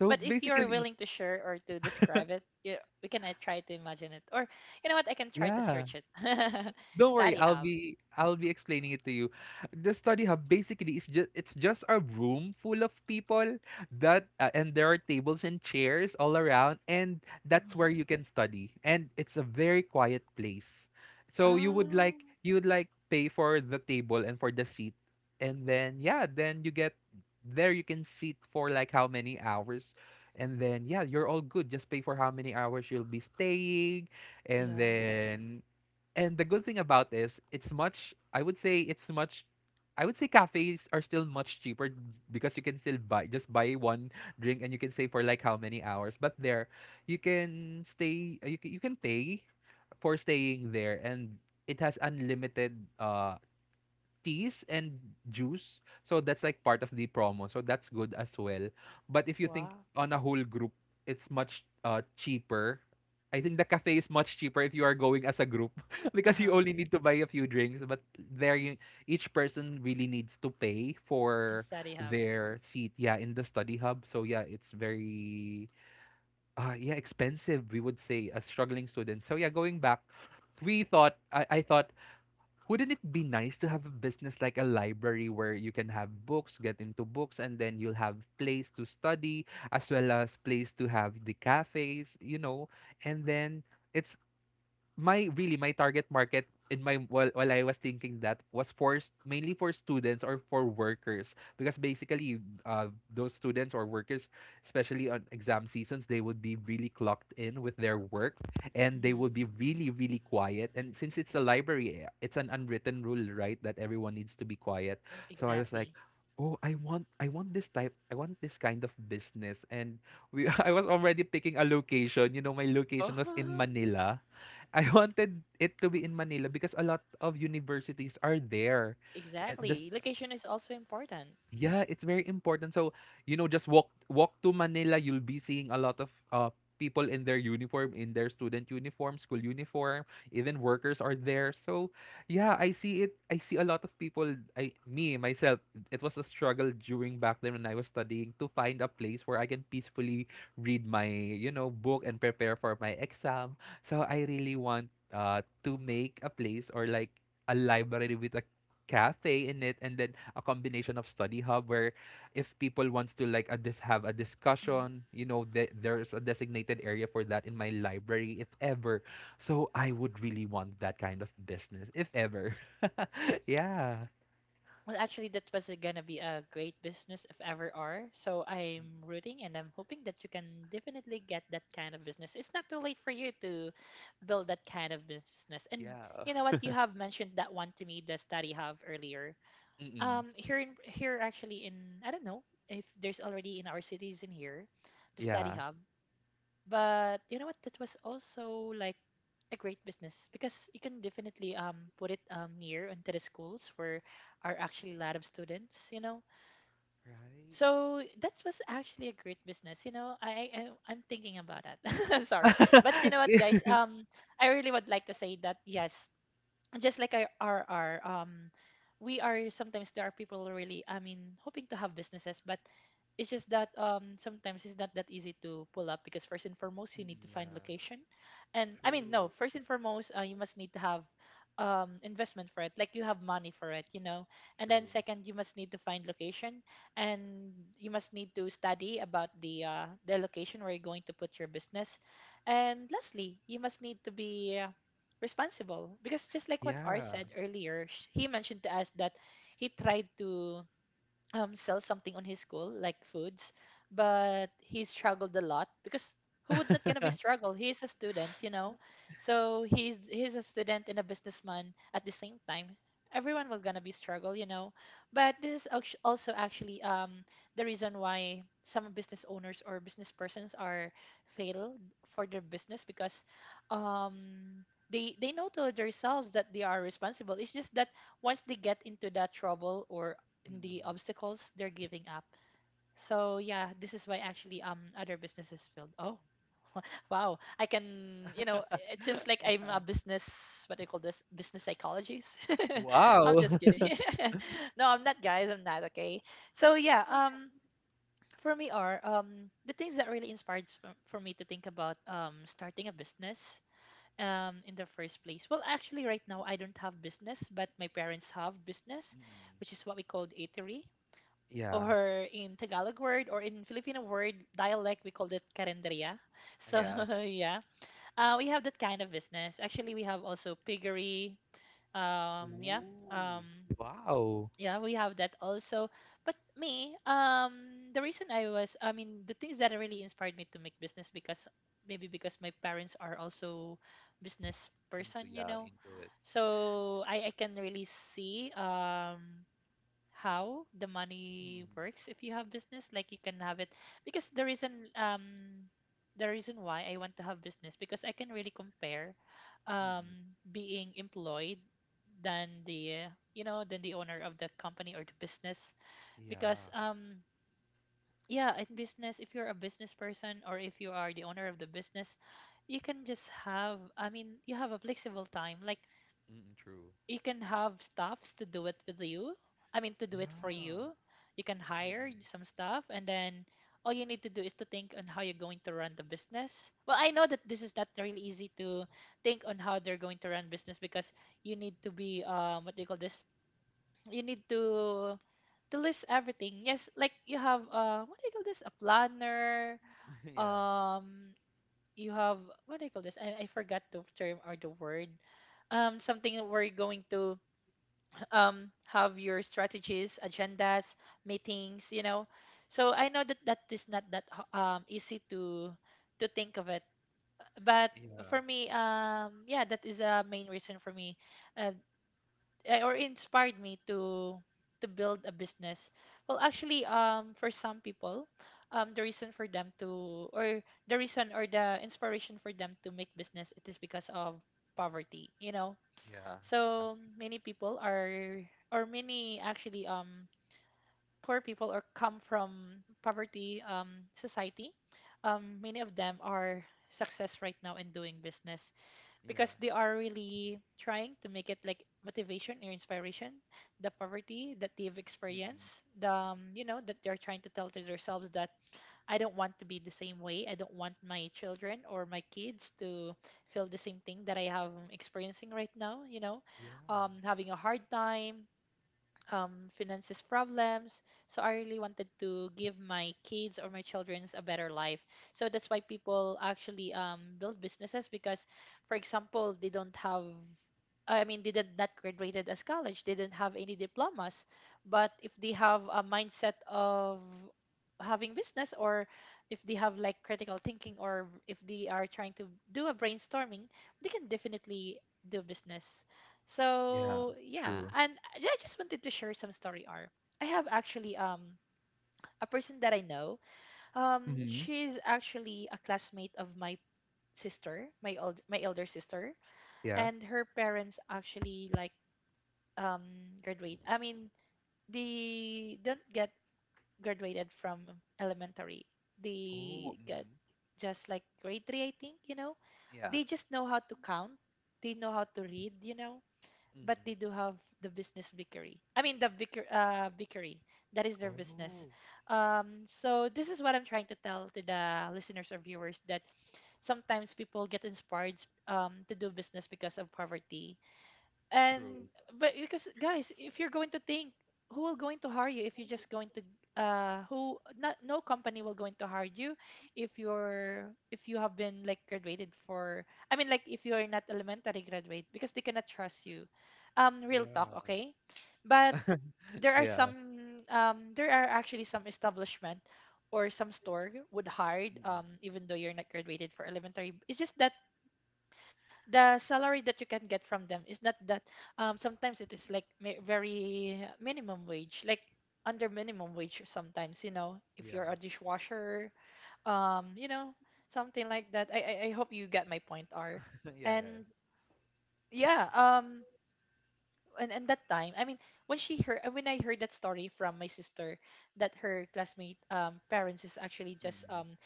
[SPEAKER 2] So
[SPEAKER 1] But if you're
[SPEAKER 2] basically,
[SPEAKER 1] willing to share or to describe it, you, we can, uh, try to imagine it. Or you know what? I can try to
[SPEAKER 2] yeah.
[SPEAKER 1] search it. (laughs)
[SPEAKER 2] Don't worry,
[SPEAKER 1] Study
[SPEAKER 2] I'll
[SPEAKER 1] hub.
[SPEAKER 2] be I'll be explaining it to you. The study hub basically is just it's just a room full of people that, uh, and there are tables and chairs all around, and that's where
[SPEAKER 1] Hmm.
[SPEAKER 2] you can study, and it's a very quiet place. So you would
[SPEAKER 1] Oh,
[SPEAKER 2] like, you would like pay for the table and for the seat, and then, yeah, then you get there, you can sit for like how many hours, and then, yeah, you're all good. Just pay for how many hours you'll be staying, and yeah,
[SPEAKER 1] yeah.
[SPEAKER 2] then. And the good thing about this, it's much, I would say it's much, I would say cafes are still much cheaper because you can still buy, just buy one drink and you can stay for like how many hours. But there, you can stay, you can, you can pay for staying there, and it has unlimited uh teas and juice. So that's like part of the promo. So that's good as well. But if you think
[SPEAKER 1] Wow.
[SPEAKER 2] on a whole group, it's much uh cheaper. I think the cafe is much cheaper if you are going as a group, (laughs)
[SPEAKER 1] Uh
[SPEAKER 2] because you
[SPEAKER 1] huh.
[SPEAKER 2] only need to buy a few drinks. But there, you, each person really needs to pay
[SPEAKER 1] In
[SPEAKER 2] for
[SPEAKER 1] study hub.
[SPEAKER 2] their seat. Yeah, in the study hub. So yeah, it's very, uh yeah, expensive, we would say, as struggling students. So yeah, going back, we thought, I, I thought, wouldn't it be nice to have a business like a library where you can have books, get into books, and then you'll have place to study as well as place to have the cafes, you know, and then it's, my really my target market in my, while, while I was thinking, that was for s- mainly for students or for workers, because basically, uh, those students or workers, especially on exam seasons, they would be really clocked in with their work, and they
[SPEAKER 1] Hmm.
[SPEAKER 2] would be really really quiet, and since it's a library, eh, it's an unwritten rule, right, that everyone needs to be quiet. So I was like,
[SPEAKER 1] Exactly.
[SPEAKER 2] oh, I want, I want this type I want this kind of business. And we, (laughs) I was already picking a location, you know, my location was in
[SPEAKER 1] Oh. (laughs)
[SPEAKER 2] Manila. I (laughs) wanted it to be in Manila because a lot of universities are there. Eh, The
[SPEAKER 1] Exactly. Location is also important.
[SPEAKER 2] Yeah, it's very important. So, you know, just walk walk to Manila, you'll be seeing a lot of uh people in their uniform, in their student uniform, school uniform, even workers are there. So, yeah, I see it. I see a lot of people, I me myself, it was a struggle during back then when I was studying to find a place where I can peacefully read my, you know, book and prepare for my exam. So, I really want uh to make a place or like a library with a cafe in it and then a combination of study hub where if people wants to like a dis- have a
[SPEAKER 1] Mm-hmm.
[SPEAKER 2] discussion, you know, th- there's a designated area for that in my library if ever. So I would really want that kind of business if ever. (laughs) Yeah.
[SPEAKER 1] Well, actually, that was gonna be a great business if ever, are. So I'm rooting and I'm hoping that you can definitely get that kind of business. It's not too late for you to build that kind of business. And
[SPEAKER 2] Yeah.
[SPEAKER 1] you know what? You have mentioned that one to me, the study hub earlier.
[SPEAKER 2] Mm-mm.
[SPEAKER 1] Um, here in here, actually, in I don't know if there's already in our cities in here, the study
[SPEAKER 2] Yeah.
[SPEAKER 1] hub. But you know what? That was also like a great business because you can definitely um put it um near into the schools where are actually a lot of students, you know.
[SPEAKER 2] Right.
[SPEAKER 1] So that was actually a great business, you know. I, I I- I'm thinking about that. (laughs) Sorry, but you know
[SPEAKER 2] (laughs)
[SPEAKER 1] what,
[SPEAKER 2] See?
[SPEAKER 1] guys? Um, I really would like to say that yes, just like our our, our um we are, sometimes there are people really, I mean, hoping to have businesses, but it's just that, um, sometimes it's not that easy to pull up because, first and foremost, you need to
[SPEAKER 2] Mm,
[SPEAKER 1] find
[SPEAKER 2] yeah.
[SPEAKER 1] location. And I mean no
[SPEAKER 2] True.
[SPEAKER 1] First and foremost, uh, you must need to have um investment for it, like you have money for it, you know. And then
[SPEAKER 2] True.
[SPEAKER 1] second, you must need to find location. And you must need to study about the uh the location where you're going to put your business. And lastly, you must need to be, uh, responsible, because just like what R
[SPEAKER 2] Yeah.
[SPEAKER 1] said earlier, sh- he mentioned to us that he tried to, um, sell something on his school, like foods, but he struggled a lot because who would not gonna be struggle? He's a student, you know. So he's he's a student and a businessman at the same time. Everyone will gonna be struggle, you know. But this is actu- also actually, um, the reason why some business owners or business persons are failed for their business because, um, they they know to themselves that they are responsible. It's just that once they get into that trouble or the
[SPEAKER 2] Mm.
[SPEAKER 1] obstacles, they're giving up. So yeah, this is why actually, um, other businesses failed. Oh, (laughs) wow! I can, you know, it seems like
[SPEAKER 2] (laughs)
[SPEAKER 1] I'm a business, what do you call this, business psychologist. (laughs) I'm
[SPEAKER 2] Wow.
[SPEAKER 1] just
[SPEAKER 2] (laughs)
[SPEAKER 1] kidding. (laughs) No, I'm not, guys. I'm not. Okay. So yeah, um for me are, um, the things that really inspired for, for me to think about, um, starting a business, um in the first place. Well, actually, right now I don't have business, but my parents have business,
[SPEAKER 2] Mm.
[SPEAKER 1] which is what we called eatery,
[SPEAKER 2] Yeah.
[SPEAKER 1] or in Tagalog word or in Filipino word dialect we called it karenderia. So
[SPEAKER 2] Yeah.
[SPEAKER 1] (laughs) yeah, uh, we have that kind of business. Actually, we have also piggery. Um, yeah,
[SPEAKER 2] Ooh.
[SPEAKER 1] um,
[SPEAKER 2] Wow.
[SPEAKER 1] yeah, we have that also. But me, um, the reason I was, I mean, the things that really inspired me to make business because maybe because my parents are also business
[SPEAKER 2] Into,
[SPEAKER 1] person, you
[SPEAKER 2] yeah,
[SPEAKER 1] know.
[SPEAKER 2] into it.
[SPEAKER 1] So I, I can really see, um, how the money
[SPEAKER 2] Mm-mm.
[SPEAKER 1] works if you have business, like you can have it because the reason, um, the reason why I want to have business because I can really compare,
[SPEAKER 2] Mm-mm.
[SPEAKER 1] um, being employed than the uh, you know, than the owner of the company or the business. Because,
[SPEAKER 2] Yeah.
[SPEAKER 1] um, yeah, in business, if you're a business person or if you are the owner of the business, you can just have, I mean, you have a flexible time, like
[SPEAKER 2] Mm-mm, true.
[SPEAKER 1] you can have staffs to do it with you. I mean, to do it for
[SPEAKER 2] Yeah.
[SPEAKER 1] you. You can hire
[SPEAKER 2] Mm-mm.
[SPEAKER 1] some staff, and then all you need to do is to think on how you're going to run the business. Well, I know that this is not really easy to think on how they're going to run business because you need to be, um, what do you call this? You need to to list everything. Yes, like you have, uh, what do you call this? A planner.
[SPEAKER 2] (laughs) Yeah.
[SPEAKER 1] Um, you have, what do you call this? I, I forgot the term or the word. Um, something where you're going to, um, have your strategies, agendas, meetings, you know. So I know that that is not that h- um, easy to to think of it, but
[SPEAKER 2] Yeah.
[SPEAKER 1] for me, um, yeah, that is a main reason for me, uh, eh, or inspired me to to build a business. Well, actually, um, for some people, um, the reason for them to, or the reason or the inspiration for them to make business, it is because of poverty, you know.
[SPEAKER 2] Yeah. Uh,
[SPEAKER 1] So many people are, or many actually, um, poor people or come from poverty, um, society. Um, many of them are success right now in doing business
[SPEAKER 2] yeah.
[SPEAKER 1] because they are really trying to make it like motivation or inspiration, the poverty that they've
[SPEAKER 2] Mm-mm.
[SPEAKER 1] experienced, the, um, you know, that they're trying to tell to themselves that I don't want to be the same way. I don't want my children or my kids to feel the same thing that I am experiencing right now, you know,
[SPEAKER 2] Yeah.
[SPEAKER 1] um, having a hard time, um, finances problems. So I really wanted to give my kids or my children's a better life. So that's why people actually um, build businesses because, for example, they don't have, I mean, didn't not graduated as college, didn't have any diplomas, but if they have a mindset of having business, or if they have like critical thinking, or if they are trying to do a brainstorming, they can definitely do business.
[SPEAKER 2] Yeah.
[SPEAKER 1] So yeah,
[SPEAKER 2] True.
[SPEAKER 1] and I I just wanted to share some story, R. I have actually um a person that I know. Um,
[SPEAKER 2] Mm-hmm.
[SPEAKER 1] she's actually a classmate of my sister, my old my elder sister,
[SPEAKER 2] Yeah.
[SPEAKER 1] and her parents actually like um graduate. I mean, they don't get graduated from elementary.
[SPEAKER 2] Oh.
[SPEAKER 1] They get
[SPEAKER 2] Mm-hmm.
[SPEAKER 1] just like grade three, I think, you know.
[SPEAKER 2] Yeah.
[SPEAKER 1] They just know how to count. They know how to read, you know. But
[SPEAKER 2] Mm-mm.
[SPEAKER 1] they do have the business bakery. I mean, the baker, uh, bakery. That is their business.
[SPEAKER 2] Oh.
[SPEAKER 1] Um, so this is what I'm trying to tell to the listeners or viewers that sometimes people get inspired um, to do business because of poverty, and
[SPEAKER 2] True.
[SPEAKER 1] but because, guys, if you're going to think, who will going to hire you if you're just going to uh who not no company will going to hire you if you're if you have been like graduated for, I mean, like if you're not elementary graduate, because they cannot trust you. Um real talk,
[SPEAKER 2] Yeah.
[SPEAKER 1] okay? But there are
[SPEAKER 2] Yeah.
[SPEAKER 1] some um there are actually some establishment or some store would hire,
[SPEAKER 2] Mm-mm.
[SPEAKER 1] um even though you're not graduated for elementary. It's just that the salary that you can get from them is not that, um sometimes it is like mi- very minimum wage, like under minimum wage sometimes, you know, if
[SPEAKER 2] Yeah.
[SPEAKER 1] you're a dishwasher. Um you know something like that. I i, I hope you get my point, R.
[SPEAKER 2] (laughs) Yeah. Yeah. Yeah.
[SPEAKER 1] And yeah, um and, and that time, I mean, when she heard when I heard that story from my sister, that her classmate um parents is actually just
[SPEAKER 2] Mm-mm.
[SPEAKER 1] um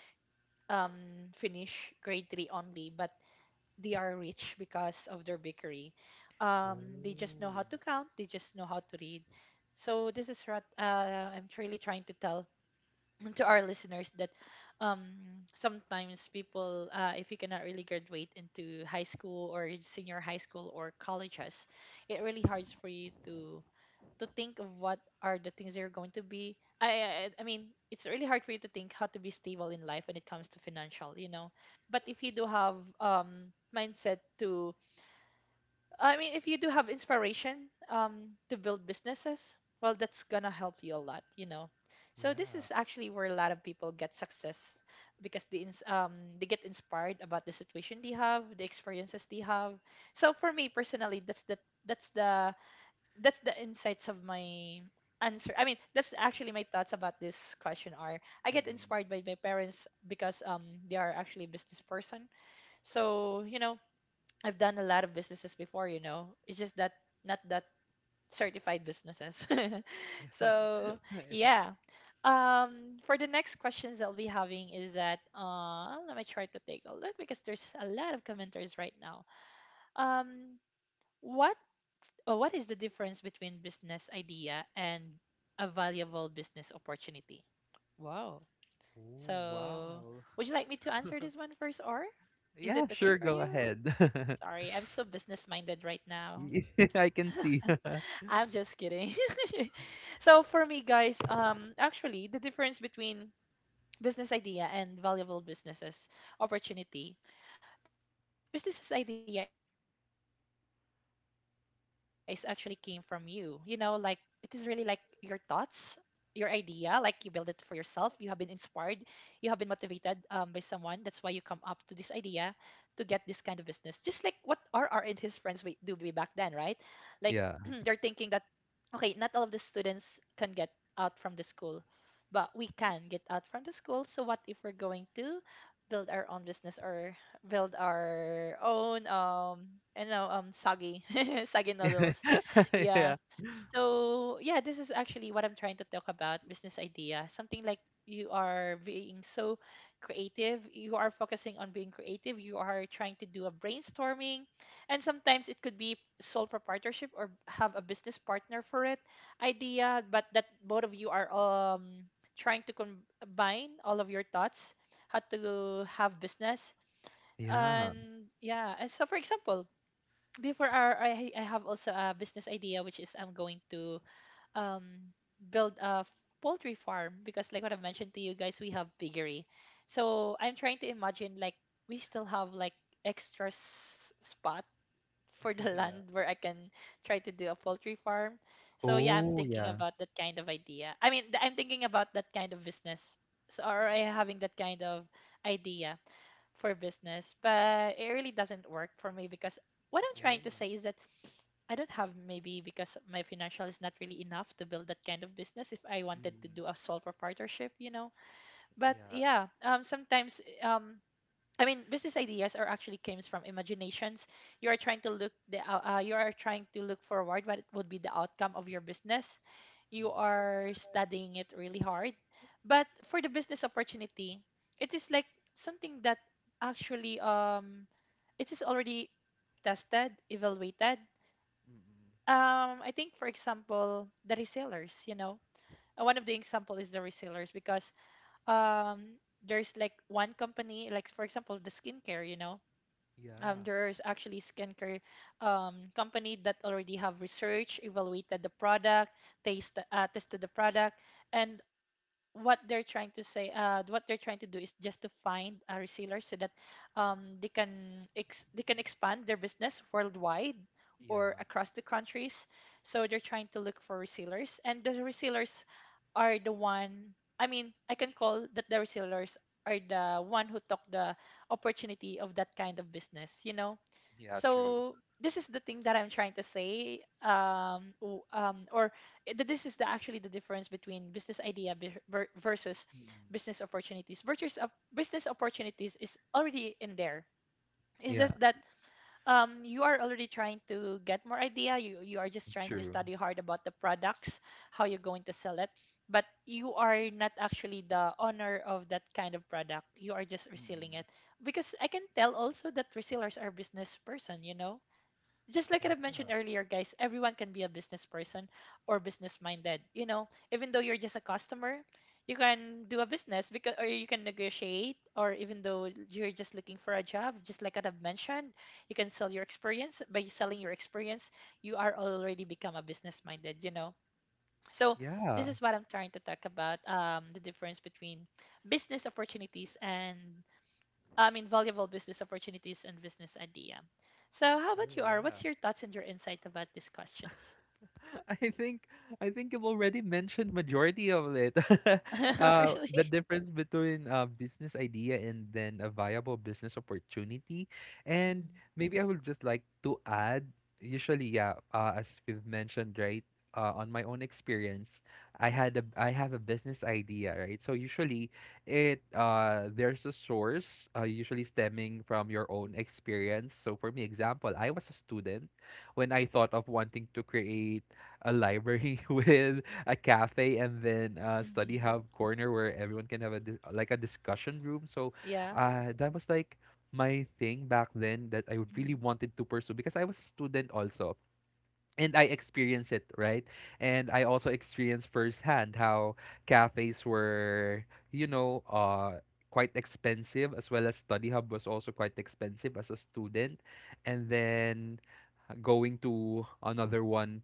[SPEAKER 1] um finish grade three only, but they are rich because of their bakery. Um, they just know how
[SPEAKER 2] Oh.
[SPEAKER 1] to count. They just know how to read. So this is what uh, I'm really trying to tell (clears throat) to our listeners that, um, sometimes people, uh, if you cannot really graduate into high school or senior high school or colleges, it really hard for you to to think of what are the things you're going to be. I, I I mean, it's really hard for you to think how to be stable in life when it comes to financial, you know. But if you do have um mindset to, I mean, if you do have inspiration um to build businesses, well, that's gonna help you a lot, you know. So this
[SPEAKER 2] Yeah.
[SPEAKER 1] is actually where a lot of people get success because they ins- um they get inspired about the situation they have, the experiences they have. So for me personally, that's the that's the that's the insights of my answer. I mean, that's actually my thoughts about this question are. I get
[SPEAKER 2] Mm-mm.
[SPEAKER 1] inspired by my parents because um they are actually a business person. So, you know, I've done a lot of businesses before, you know. It's just that not that certified businesses. (laughs) So,
[SPEAKER 2] (laughs) Yeah.
[SPEAKER 1] yeah. Um for the next questions that I'll be having is that, uh let me try to take a look because there's a lot of commenters right now. Um what uh, what is the difference between business idea and a valuable business opportunity? Wow.
[SPEAKER 2] Oh,
[SPEAKER 1] So,
[SPEAKER 2] wow.
[SPEAKER 1] would you like me to answer this one first, or is it
[SPEAKER 2] Yeah,
[SPEAKER 1] okay
[SPEAKER 2] sure,
[SPEAKER 1] for
[SPEAKER 2] go
[SPEAKER 1] you?
[SPEAKER 2] ahead. (laughs)
[SPEAKER 1] Sorry, I'm so business minded right now.
[SPEAKER 2] Y- (laughs) I can see.
[SPEAKER 1] (laughs)
[SPEAKER 2] (laughs)
[SPEAKER 1] I'm just kidding. (laughs) So, for me, guys, um, actually, the difference between business idea and valuable businesses opportunity. Businesses idea is actually came from you, you know, like, it is really like your thoughts, your idea. Like, you build it for yourself. You have been inspired, you have been motivated, um, by someone, that's why you come up to this idea to get this kind of business, just like what rr and his friends we do way back then, right, like, (clears throat) they're
[SPEAKER 2] Yeah.
[SPEAKER 1] thinking that, okay, not all of the students can get out from the school, but we can get out from the school, so what if we're going to build our own business, or build our own, um you know um sagi sagi (laughs) noodles.
[SPEAKER 2] (laughs)
[SPEAKER 1] Yeah,
[SPEAKER 2] Yeah.
[SPEAKER 1] so yeah, this is actually what I'm trying to talk about, business idea. Something like, you are being so creative, you are focusing on being creative, you are trying to do a brainstorming, and sometimes it could be sole proprietorship or have a business partner for it idea, but that both of you are um trying to combine all of your thoughts how to have business.
[SPEAKER 2] Yeah.
[SPEAKER 1] And yeah, and so, for example, before our I, I have also a business idea, which is, I'm going to, um, build a f- poultry farm because, like what I've mentioned to you guys, we have piggery. So I'm trying to imagine, like, we still have like extra s- spot for the
[SPEAKER 2] (laughs)
[SPEAKER 1] (laughs)
[SPEAKER 2] Yeah.
[SPEAKER 1] land where I can try to do a poultry farm. So yeah, I'm
[SPEAKER 2] Oh,
[SPEAKER 1] thinking
[SPEAKER 2] yeah.
[SPEAKER 1] about that kind of idea. I mean, th- I'm thinking about that kind of business. So, or I having that kind of idea for business, but it really doesn't work for me because, what I'm trying to
[SPEAKER 2] Oh.
[SPEAKER 1] say is that I don't have, maybe because my financial is not really enough to build that kind of business if I wanted to
[SPEAKER 2] Mm.
[SPEAKER 1] do a sole proprietorship, you know. But
[SPEAKER 2] Yeah.
[SPEAKER 1] yeah, um, sometimes, um, I mean, business ideas are actually comes from imaginations. You are trying to look the uh, uh, you are trying to look forward what it would be the outcome of your business. You
[SPEAKER 2] Mm. Yeah.
[SPEAKER 1] are studying it really hard. But for the business opportunity, it is like something that actually, um, it is already tested, evaluated,
[SPEAKER 2] Mm-mm.
[SPEAKER 1] um I think, for example, the resellers, you know. Uh, one of the example is the resellers, because um there's like one company, like, for example, the skincare, you know. um
[SPEAKER 2] Yeah.
[SPEAKER 1] there's actually skincare um company that already have research evaluated the product, taste uh, tested the product, and what they're trying to say uh what they're trying to do is just to find a reseller so that um they can ex- they can expand their business worldwide, or
[SPEAKER 2] Yeah.
[SPEAKER 1] across the countries. So they're trying to look for resellers, and the resellers are the one I mean, I can call that the resellers are the one who took the opportunity of that kind of business, you know.
[SPEAKER 2] Yeah, true.
[SPEAKER 1] So this is the thing that I'm trying to say, um, w- um or i- th- this is the actually the difference between business idea be- ver- versus
[SPEAKER 2] Mm.
[SPEAKER 1] business opportunities. Virtues of business opportunities is already in there, it's just
[SPEAKER 2] Yeah,
[SPEAKER 1] that, um, you are already trying to get more idea. You, you are just trying to
[SPEAKER 2] true.
[SPEAKER 1] study hard about the products, how you're going to sell it, but you are not actually the owner of that kind of product, you are just reselling
[SPEAKER 2] Mm-mm.
[SPEAKER 1] it, because I can tell also that resellers are business person, you know. Just like
[SPEAKER 2] Yeah.
[SPEAKER 1] I've mentioned earlier, guys, everyone can be a business person or business minded. You know, even though you're just a customer, you can do a business because, or you can negotiate, or even though you're just looking for a job, just like I've mentioned, you can sell your experience. By selling your experience, you are already become a business minded, you know. So this
[SPEAKER 2] Yeah.
[SPEAKER 1] is what I'm trying to talk about, um, the difference between business opportunities and, I mean, valuable business opportunities and business idea. So, how about
[SPEAKER 2] Oh,
[SPEAKER 1] you, R? What's
[SPEAKER 2] yeah.
[SPEAKER 1] your thoughts and your insight about these questions?
[SPEAKER 2] (laughs) I think I think you've already mentioned majority of it. (laughs) Uh,
[SPEAKER 1] (laughs) Really?
[SPEAKER 2] the difference between a business idea and then a viable business opportunity, and
[SPEAKER 1] Mm-hmm.
[SPEAKER 2] maybe I would just like to add. Usually, yeah, uh, as we've mentioned, right? Uh, on my own experience, I had a I have a business idea, right? So usually, it uh there's a source, uh, usually stemming from your own experience. So for me, example, I was a student when I thought of wanting to create a library (laughs) with a cafe and then a study
[SPEAKER 1] Hmm.
[SPEAKER 2] hub corner where everyone can have a dis- like a discussion room. So,
[SPEAKER 1] Yeah.
[SPEAKER 2] uh, that was like my thing back then that I
[SPEAKER 1] Hmm.
[SPEAKER 2] really wanted to pursue because I was a student also. And I experienced it, right? And I also experienced firsthand how cafes were, you know, uh, quite expensive, as well as study hub was also quite expensive as a student. And then going to another one,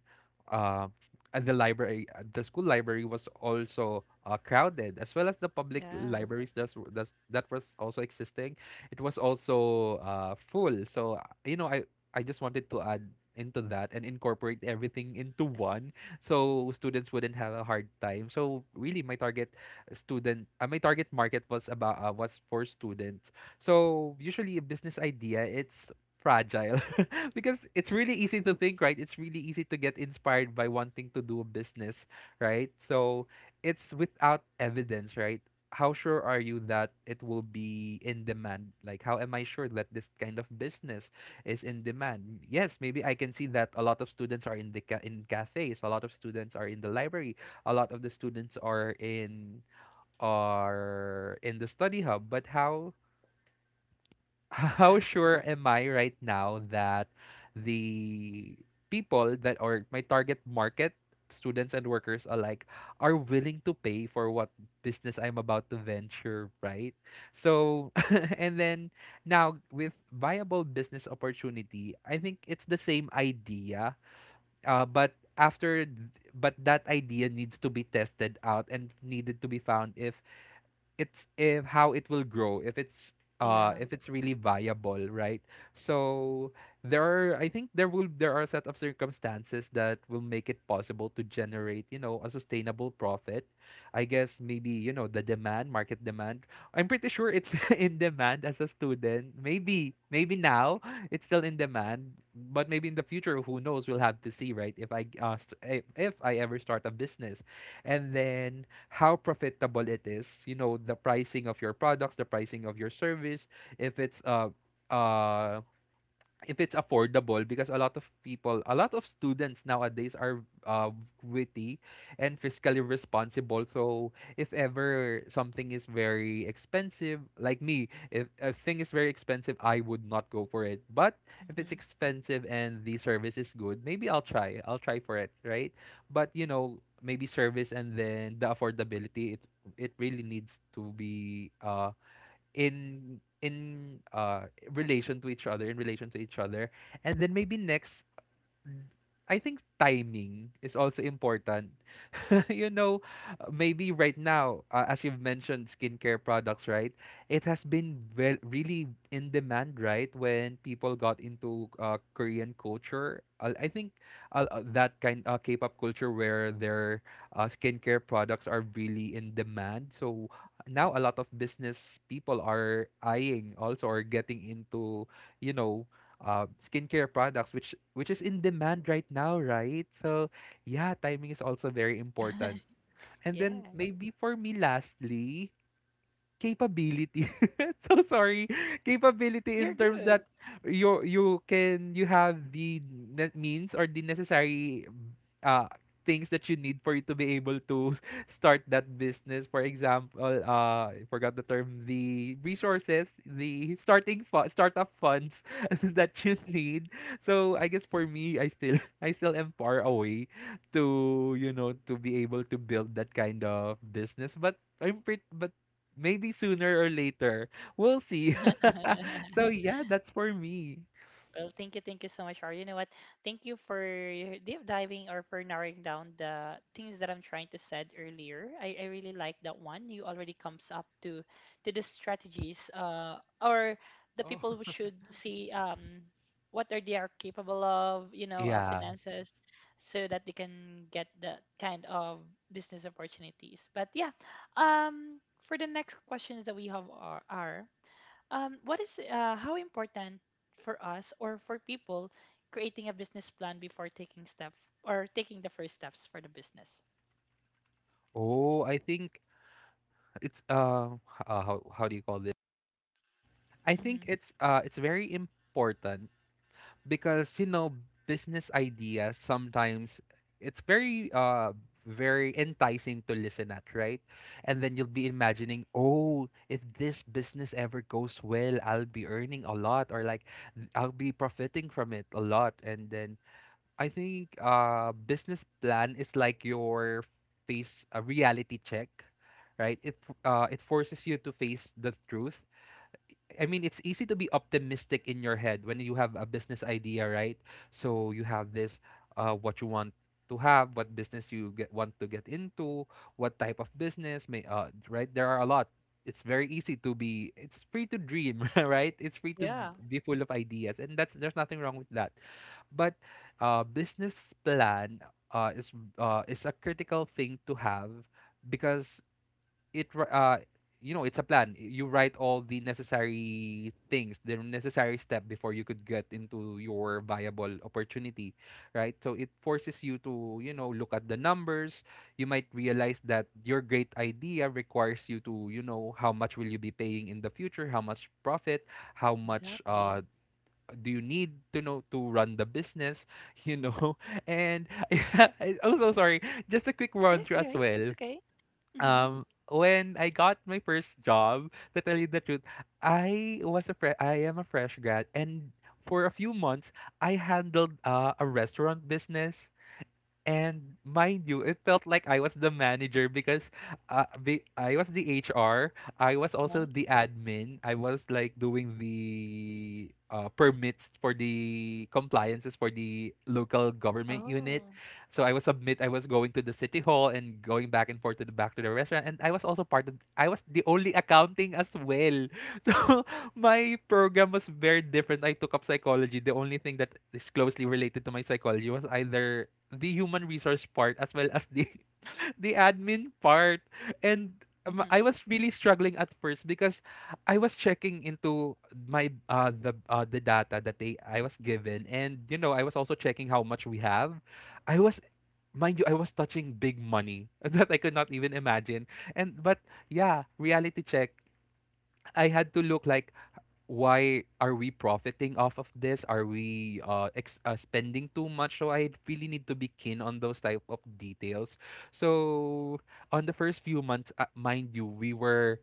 [SPEAKER 2] uh, at the library, uh, the school library was also, uh, crowded, as well as the public
[SPEAKER 1] Yeah.
[SPEAKER 2] libraries that's, that's that was also existing. It was also, uh, full. So, uh, you know, i i just
[SPEAKER 1] Hmm.
[SPEAKER 2] wanted to add into that and incorporate everything into
[SPEAKER 1] Yes.
[SPEAKER 2] one so students wouldn't have a hard time. So really my target student uh, my target market was about, uh, was for students. So usually a business idea, it's fragile (laughs) because it's really easy to think, right? It's really easy to get inspired by wanting to do a business, right? So it's without evidence, right? How sure are you that it will be in demand? Like, how am I sure that this kind of business is in demand? Yes, maybe I can see that a lot of students are in the ca- in cafes, a lot of students are in the library, a lot of the students are in are in the study hub, but how how
[SPEAKER 1] Yeah.
[SPEAKER 2] sure am I right now that the people that are my target market, students and workers alike, are willing to pay for what business I'm about to venture, right? So, (laughs) and then now with viable business opportunity, I think it's the same idea, uh, but after th- but that idea needs to be tested out and needed to be found if it's if how it will grow, if it's, uh,
[SPEAKER 1] Yeah.
[SPEAKER 2] if it's really viable, right? So there are, I think there will, there are a set of circumstances that will make it possible to generate, you know, a sustainable profit. I guess maybe, you know, the demand market demand. I'm pretty sure it's (laughs) in demand as a student, maybe, maybe now it's still in demand, but maybe in the future, who knows, we'll have to see, right? If i uh, st- if if I ever start a business and then how profitable it is, you know, the pricing of your products, the pricing of your service, if it's uh uh if it's affordable, because a lot of people, a lot of students nowadays are, uh, witty and fiscally responsible. So if ever something is very expensive, like me, if a thing is very expensive, I would not go for it, but if it's
[SPEAKER 1] Hmm.
[SPEAKER 2] expensive and the service is good, maybe I'll try i'll try for it, right? But, you know, maybe service and then the affordability, it it really needs to be, uh in in uh, relation to each other, in relation to each other and then maybe next, I think timing is also important. (laughs) You know, uh, maybe right now, uh, as you've mentioned, skincare products, right? It has been, well, really in demand, right? When people got into, uh, Korean culture, uh, I think, uh, uh, that kind uh, K-pop culture where their, uh, skincare products are really in demand. So now a lot of business people are eyeing also or getting into, you know, uh, skincare products, which which is in demand right now, right? So, yeah, timing is also very important.
[SPEAKER 1] (laughs)
[SPEAKER 2] And then
[SPEAKER 1] Yes.
[SPEAKER 2] maybe for me lastly, capability. (laughs) So sorry. Capability
[SPEAKER 1] You're
[SPEAKER 2] in terms
[SPEAKER 1] good.
[SPEAKER 2] that you you can, you have the ne- means or the necessary, uh, things that you need for you to be able to (laughs) start that business. For example, uh, I forgot the term, the resources, the starting fu- startup funds (laughs) that you need. So I guess for me, I still (laughs) I still am far away to, you know, to be able to build that kind of business, but I'm pretty, but maybe sooner or later. We'll see. (laughs)
[SPEAKER 1] (laughs)
[SPEAKER 2] So yeah, that's for me.
[SPEAKER 1] Well, thank you, thank you so much, Har. You know what? Thank you for deep diving or for narrowing down the things that I'm trying to said earlier. I, I really like that one. You already comes up to to the strategies, uh or the
[SPEAKER 2] Oh.
[SPEAKER 1] people who should see, um what are they are capable of, you
[SPEAKER 2] (laughs)
[SPEAKER 1] know, uh,
[SPEAKER 2] Yeah.
[SPEAKER 1] finances, so that they can get that kind of business opportunities. But yeah, um for the next questions that we have are, are um, what is uh, how important for us or for people creating a business plan before taking step, or taking the first steps for the business?
[SPEAKER 2] Oh, I think it's uh, h- uh how how do you call this? I think
[SPEAKER 1] Hmm.
[SPEAKER 2] it's uh it's very important because, you know, business ideas sometimes, it's very uh very enticing to listen at, right? And then you'll be imagining, oh, if this business ever goes well, I'll be earning a lot, or like, I'll be profiting from it a lot. And then I think, uh, business plan is like your face a reality check, right? It f- uh it forces you to face the truth. I mean, it's easy to be optimistic in your head when you have a business idea, right? So you have this, uh, what you want to have, what business you get, want to get into, what type of business may, uh, right? There are a lot. It's very easy to be. It's free to dream, (laughs) right? It's free to
[SPEAKER 1] Yeah,
[SPEAKER 2] be full of ideas, and that's there's nothing wrong with that. But, uh, business plan, uh, is, uh, is a critical thing to have because it ri- uh you know, it's a plan. You write all the necessary things, the necessary step, before you could get into your viable opportunity, right? So it forces you to, you know, look at the numbers. You might realize that your great idea requires you to, you know, how much will you be paying in the future, how much profit, how much, uh,
[SPEAKER 1] exactly.
[SPEAKER 2] do you need to know to run the business. (laughs) You know, and (laughs) yeah, I so sorry, just a quick run through as
[SPEAKER 1] Okay,
[SPEAKER 2] well.
[SPEAKER 1] it's okay. Mm-hmm.
[SPEAKER 2] Um, when I got my first job, to tell you the truth, I was a fre- I am a fresh grad, and for a few months, I handled, uh, a restaurant business. And mind you, it felt like I was the manager because, uh, be, I was the H R. I was also the admin. I was like doing the, uh, permits for the compliances for the local government unit.
[SPEAKER 1] Oh.
[SPEAKER 2] So I was submit. I was going to the city hall and going back and forth to the back to the restaurant. And I was also part of. I was the only accounting as well. (laughs) So my program was very different. I took up psychology. The only thing that is closely related to my psychology was either the human resource part as well as the (laughs) the admin part. And, um, I
[SPEAKER 1] Mm-hmm.
[SPEAKER 2] was really struggling at first because I was checking into my, uh the uh, the data that they I was given, and you know, I was also checking how much we have. I was Mind you, I was touching big money (laughs) that I could not even imagine, and but yeah, reality check. I had to look, like, why are we profiting off of this? Are we, uh, ex- uh spending too much? So I really need to be keen on those type of details. So on the first few months, uh, mind you, we were,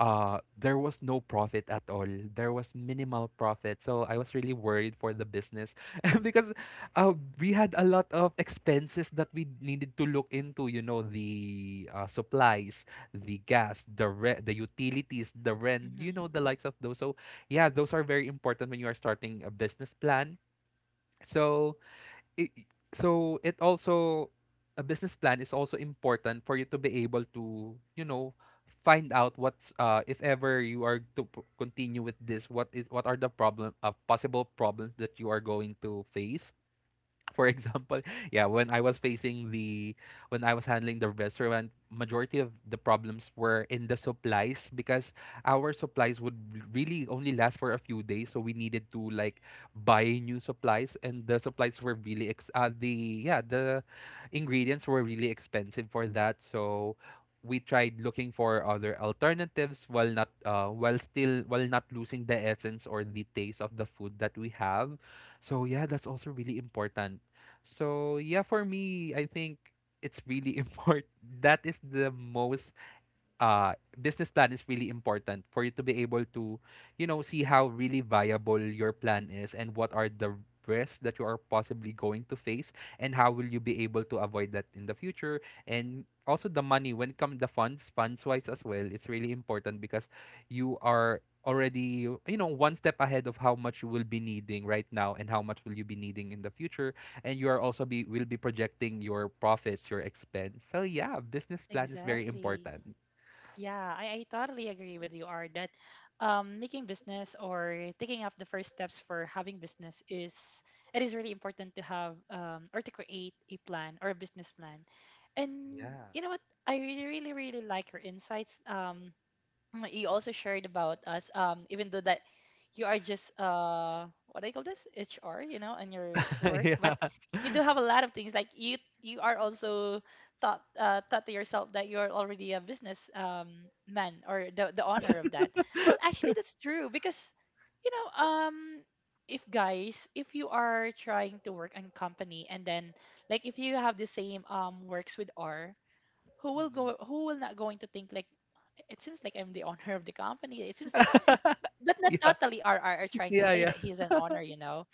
[SPEAKER 2] uh, there was no profit at all, there was minimal profit, so I was really worried for the business (laughs) because, uh, we had a lot of expenses that we needed to look into, you know, the, uh, supplies, the gas, the re- the utilities, the rent, you
[SPEAKER 1] Mm-hmm.
[SPEAKER 2] know, the likes of those, so, yeah, those are very important when you are starting a business plan. So it, so it also a business plan is also important for you to be able to, you know, find out what's, uh, if ever you are to p- continue with this, what is what are the problem uh, possible problems that you are going to face. For example, (laughs) yeah, when I was facing the when I was handling the restaurant, majority of the problems were in the supplies because our supplies would really only last for a few days, so we needed to like buy new supplies, and the supplies were really ex uh, the yeah the ingredients were really expensive for that, so. We tried looking for other alternatives while not uh, while still while not losing the essence or the taste of the food that we have. So yeah, that's also really important. So yeah, for me, I think it's really (laughs) important. That is the most, uh, business plan is really important for you to be able to, you know, see how really viable your plan is and what are the risks that you are possibly going to face and how will you be able to avoid that in the future, and also the money when it comes, the funds funds wise as well, it's really important because you are already, you know, one step ahead of how much you will be needing right now and how much will you be needing in the future, and you are also be will be projecting your profits, your expense. So yeah, business plan is very
[SPEAKER 1] Exactly.
[SPEAKER 2] important.
[SPEAKER 1] Yeah, I, I totally agree with you, Art, that um, making business or taking up the first steps for having business is it is really important to have um, or to create a plan or a business plan. And
[SPEAKER 2] Yeah.
[SPEAKER 1] you know what? I really, really, really like your insights. Um, Mm, You also shared about us, um, even though that you are just uh, what do you call this H R, you know, and your
[SPEAKER 2] (laughs)
[SPEAKER 1] work, but
[SPEAKER 2] Yeah.
[SPEAKER 1] you do have a lot of things. Like you, you are also thought uh, thought to yourself that you are already a business um, man or the the owner of that. Well, actually, that's true because you know, um, if guys, if you are trying to work in company and then like if you have the same um works with R who will
[SPEAKER 2] Mm-mm.
[SPEAKER 1] go who will not going to think like it seems like I'm the owner of the company. It seems like but not
[SPEAKER 2] Yeah.
[SPEAKER 1] totally are are, are trying to say that he's an owner, you know.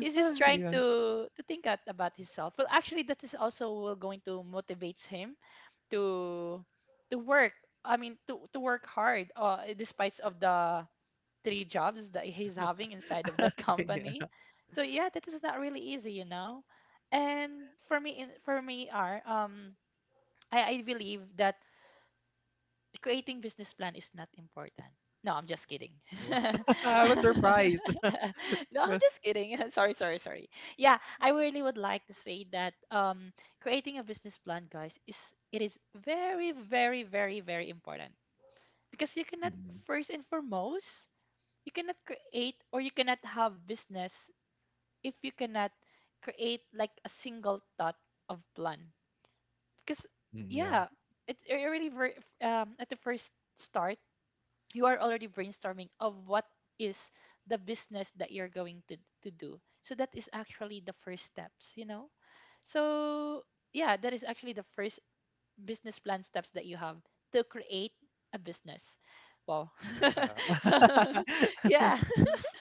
[SPEAKER 1] He's just trying to to think at, about himself. Well actually that is also will going to motivates him to to work. I mean to to work hard uh despite of the three jobs that he's having inside of that (laughs) company. So yeah, that is not really easy, you know. And for me in for me are um I, I believe that creating business plan is not important. No, I'm just kidding.
[SPEAKER 2] Wow.
[SPEAKER 1] (laughs)
[SPEAKER 2] I was surprised.
[SPEAKER 1] No, I'm just kidding. (laughs) Sorry, sorry, sorry. Yeah, I really would like to say that um creating a business plan, guys, is it is very, very, very, very important because you
[SPEAKER 2] (laughs)
[SPEAKER 1] cannot
[SPEAKER 2] Mm-mm.
[SPEAKER 1] first and foremost you cannot create or you cannot have business if you cannot create like a single thought of plan because
[SPEAKER 2] Mm, yeah.
[SPEAKER 1] yeah it, it really ver- um at the first start you are already brainstorming of what is the business that you're going to, to do. So that is actually the first steps, you know. So yeah, that is actually the first business plan steps that you have to create a business. Wow.
[SPEAKER 2] Yeah.
[SPEAKER 1] (laughs) So (laughs) yeah,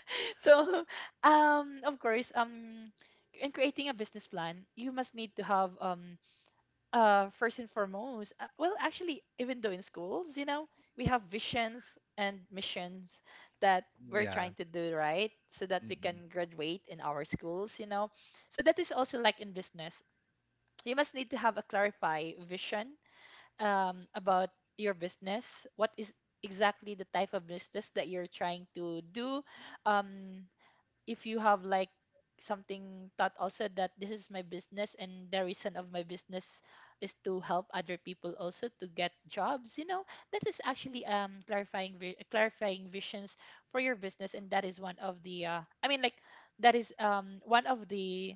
[SPEAKER 1] (laughs) so um of course um in creating a business plan you must need to have um uh, first and foremost, uh, well, actually, even though in schools, you know, we have visions and missions that we're
[SPEAKER 2] Yeah.
[SPEAKER 1] trying to do right so that we
[SPEAKER 2] Mm-mm.
[SPEAKER 1] can graduate in our schools, you know. So that is also like in business. You must need to have a clarify vision um, about your business. What is exactly the type of business that you're trying to do? Um, if you have like something thought also that this is my business and the reason of my business is to help other people also to get jobs, you know. That is actually um clarifying vi- clarifying visions for your business, and that is one of the uh, i mean like that is um one of the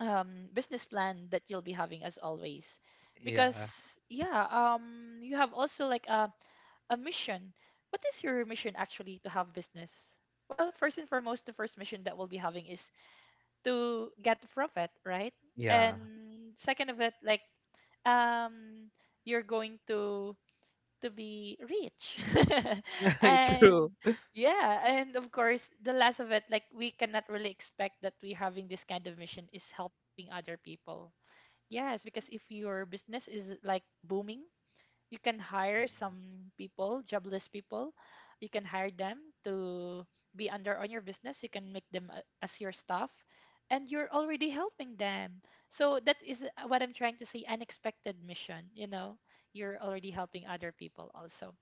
[SPEAKER 1] um business plan that you'll be having as always
[SPEAKER 2] Yeah.
[SPEAKER 1] because yeah um you have also like a a mission. What is your mission actually to have business? Well, first and foremost, the first mission that we'll be having is to get profit, right?
[SPEAKER 2] Yeah.
[SPEAKER 1] And second of it, like um, you're going to to be rich. (laughs)
[SPEAKER 2] (laughs) True.
[SPEAKER 1] And yeah, and of course, the last of it, like we cannot really expect that we having this kind of mission is helping other people. Yes, because if your business is like booming you can hire some people, jobless people. You can hire them to be under on your business. You can make them a- as your staff, and you're already helping them. So that is uh, what I'm trying to say. Unexpected mission. You know, you're already helping other people also.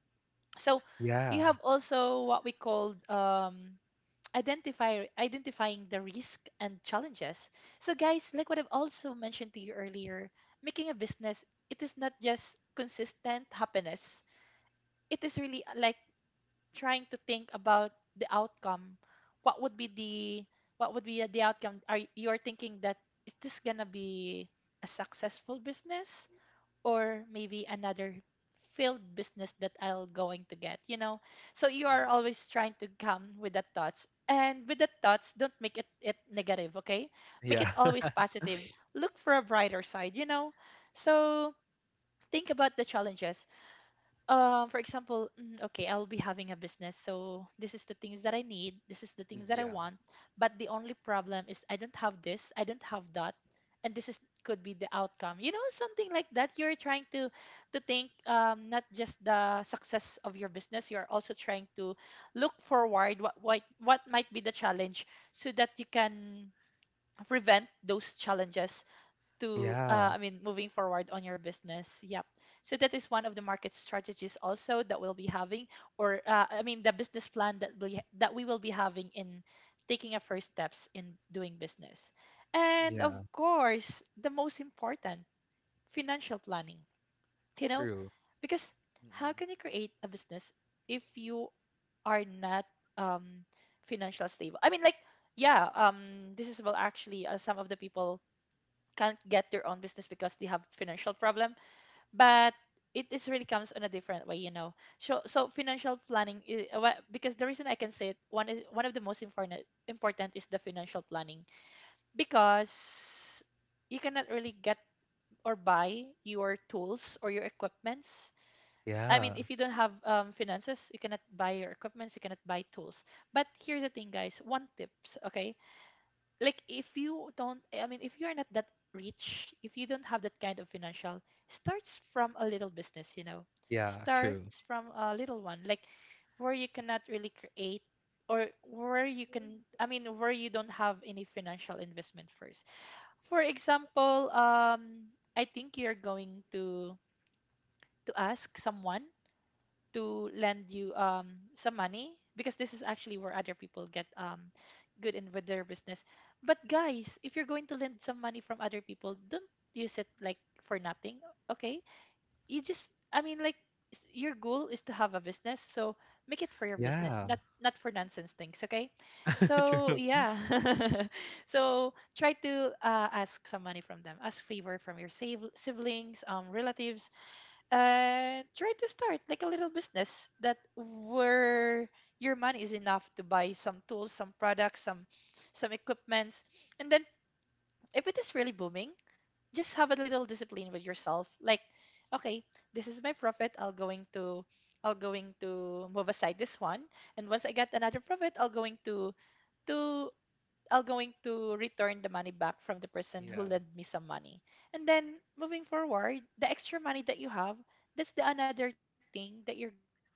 [SPEAKER 1] So you
[SPEAKER 2] Yeah.
[SPEAKER 1] have also what we called um, identify identifying the risk and challenges. So guys, like what I've also mentioned to you earlier, making a business, it is not just consistent happiness. It is really uh, like trying to think about the outcome. What would be the what would be the outcome? Are you are thinking that is this gonna be a successful business? Or maybe another failed business that I'll going to get, you know. So you
[SPEAKER 2] Mm.
[SPEAKER 1] are always trying to come with that thoughts. And with that thoughts, don't make it, it negative, okay? Make
[SPEAKER 2] Yeah.
[SPEAKER 1] it always
[SPEAKER 2] (laughs)
[SPEAKER 1] positive. Look for a brighter side, you know. So think about the challenges, um for example mm, okay, I'll be having a business, so this is the things that I need, this is the
[SPEAKER 2] Mm.
[SPEAKER 1] things that I
[SPEAKER 2] Yeah.
[SPEAKER 1] want, but the only problem is I don't have this, I don't have that, and this is could be the outcome, you know, something like that. You're trying to to think um not just the success of your business, you're also trying to look forward what what, what might be the challenge so that you can prevent those challenges to uh,
[SPEAKER 2] Yeah.
[SPEAKER 1] i mean moving forward on your business. Yep. So that is one of the market strategies also that we'll be having or uh, i mean the business plan that we that we will be having in taking our first steps in doing business. And of
[SPEAKER 2] Yeah.
[SPEAKER 1] course the most important, financial planning, you know.
[SPEAKER 2] True.
[SPEAKER 1] Because how
[SPEAKER 2] Mm-mm.
[SPEAKER 1] can you create a business if you are not um financial stable? I mean like, yeah, um this is well actually uh, some of the people can't get their own business because they have financial problem, but it is really comes in a different way, you know. So so financial planning i- uh, wha- because the reason I can say it one is one of the most important important is the financial planning. Because you cannot really get or buy your tools or your equipments. I mean
[SPEAKER 2] Yeah.
[SPEAKER 1] if you don't have um, finances you cannot buy your equipments, you cannot buy tools. But here's the thing, guys, one tips, okay, like if you don't, I mean if you're not that rich, if you don't have that kind of financial, starts from a little business, you know.
[SPEAKER 2] Yeah. True.
[SPEAKER 1] Starts from a little one, like where you cannot really create, or where you can, I mean where you don't have any financial investment first. For example, um I think you're going to to ask someone to lend you um some money, because this is actually where other people get um good in with their business. But guys, if you're going to lend some money from other people, don't use it like for nothing. Okay? You just, I mean like, s- your goal is to have a business, so make it for your business,
[SPEAKER 2] Yeah.
[SPEAKER 1] not not for nonsense things, okay?
[SPEAKER 2] (laughs)
[SPEAKER 1] So,
[SPEAKER 2] True.
[SPEAKER 1] yeah. (laughs) So, try to uh, ask some money from them. Ask favor from your save- siblings, um relatives, and try to start like a little business that where your money is enough to buy some tools, some products, some some equipments. And then if it is really booming, just have a little discipline with yourself. Like, okay, this is my profit. I'll going to I'll going to move aside this one. And once I get another profit, I'll going to to I'll going to return the money back from the person who
[SPEAKER 2] Yeah.
[SPEAKER 1] lent me some money. And then moving forward, the extra money that you have, that's the another thing that you're going to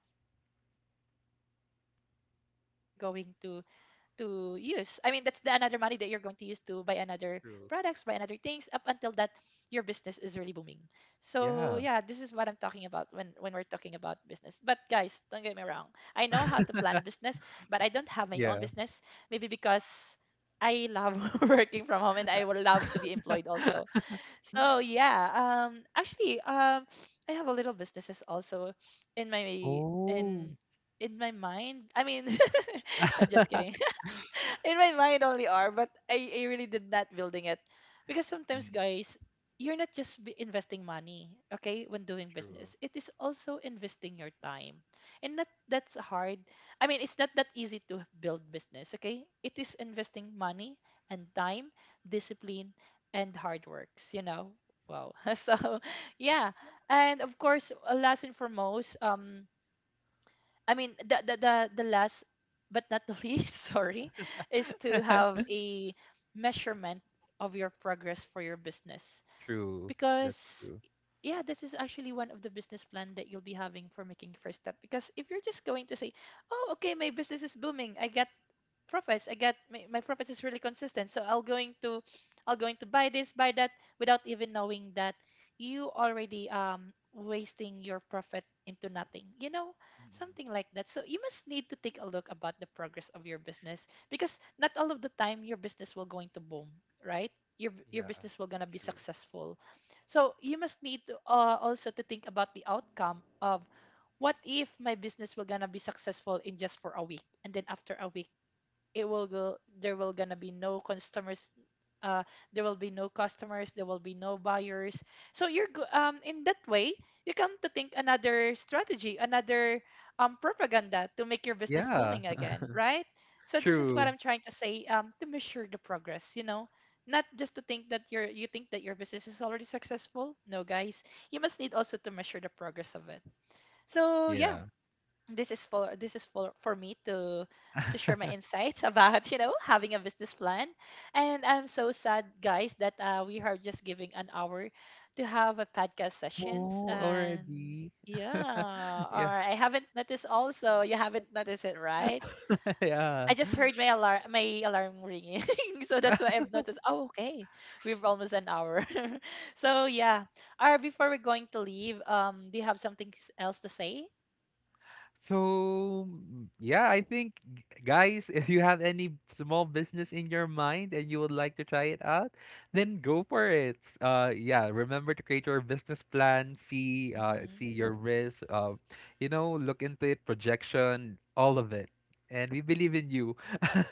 [SPEAKER 1] to use. I mean, that's the another money that you're going to use to buy another products, buy another things up until that your
[SPEAKER 2] True.
[SPEAKER 1] business is really booming. So, yeah, this is what I'm talking about
[SPEAKER 2] Yeah.
[SPEAKER 1] when when we're talking about business. But guys, don't get me wrong. I know how to plan a business, but I don't have my own business,
[SPEAKER 2] Yeah.
[SPEAKER 1] maybe because I love (laughs) working from home and I would love to be employed also. So yeah, um actually um I have a little businesses also in my in
[SPEAKER 2] Oh.
[SPEAKER 1] in my mind. I mean, (laughs) I just kidding. (laughs) In my mind only are, but I, I really did not building it because sometimes,
[SPEAKER 2] Mm.
[SPEAKER 1] guys, you're not just be investing money, okay. When doing
[SPEAKER 2] True.
[SPEAKER 1] business it is also investing your time, and that that's hard. I mean it's not that easy to build business. Okay, it is investing money and time, discipline, and hard works, you know. Wow. (laughs) So yeah. And of course, uh, last and foremost, um I mean, the the the, the last but not the (laughs) least, sorry, is to have
[SPEAKER 2] (laughs)
[SPEAKER 1] a measurement of your progress for your business.
[SPEAKER 2] True. That's
[SPEAKER 1] Because
[SPEAKER 2] true.
[SPEAKER 1] yeah, this is actually one of the business plan that you'll be having for making first step. Because if you're just going to say, "Oh, okay, my business is booming. I get profits. i got my, my profits is really consistent, so i'll going to I'll going to buy this, buy that without even knowing that you already um wasting your profit into nothing, you know.
[SPEAKER 2] Mm-mm.
[SPEAKER 1] Something like that. So you must need to take a look about the progress of your business, because not all of the time your business will going to boom, right? Your your
[SPEAKER 2] Yeah.
[SPEAKER 1] business will gonna be
[SPEAKER 2] True.
[SPEAKER 1] successful. So you must need to uh, also to think about the outcome of what if my business will gonna be successful in just for a week, and then after a week it will go there will gonna be no customers. uh there will be no customers, there will be no buyers. So you're go- um in that way you come to think another strategy, another um propaganda, to make your business
[SPEAKER 2] Yeah.
[SPEAKER 1] booming
[SPEAKER 2] (laughs)
[SPEAKER 1] again, right? So this is what
[SPEAKER 2] True.
[SPEAKER 1] I'm trying to say, um to measure the progress, you know. Not just to think that you're you think that your business is already successful. No, guys. You must need also to measure the progress of it. So yeah,
[SPEAKER 2] Yeah.
[SPEAKER 1] this is for this is for for me to to share my
[SPEAKER 2] (laughs)
[SPEAKER 1] insights (laughs) about, you know, having a business plan. And I'm so sad, guys, that uh, we are just giving an hour to have a podcast sessions.
[SPEAKER 2] Oh,
[SPEAKER 1] And
[SPEAKER 2] already. (laughs)
[SPEAKER 1] yeah,
[SPEAKER 2] Yeah,
[SPEAKER 1] or I haven't noticed, also you haven't noticed it, right?
[SPEAKER 2] (laughs) yeah.
[SPEAKER 1] I just heard my alarm, my alarm ringing (laughs) so that's why
[SPEAKER 2] (laughs)
[SPEAKER 1] I've noticed. Oh, okay, we've almost an hour. (laughs) So yeah, or before we're going to leave, um do you have something s- else to say?
[SPEAKER 2] So, mm, yeah, I think, g- guys, if you have any small business in your mind and you would like to try it out, then go for it. Uh, yeah, remember to create your business plan, see, uh, see your
[SPEAKER 1] Mm.
[SPEAKER 2] risk, uh, you know, look into it, projection, all of it. And we believe in you.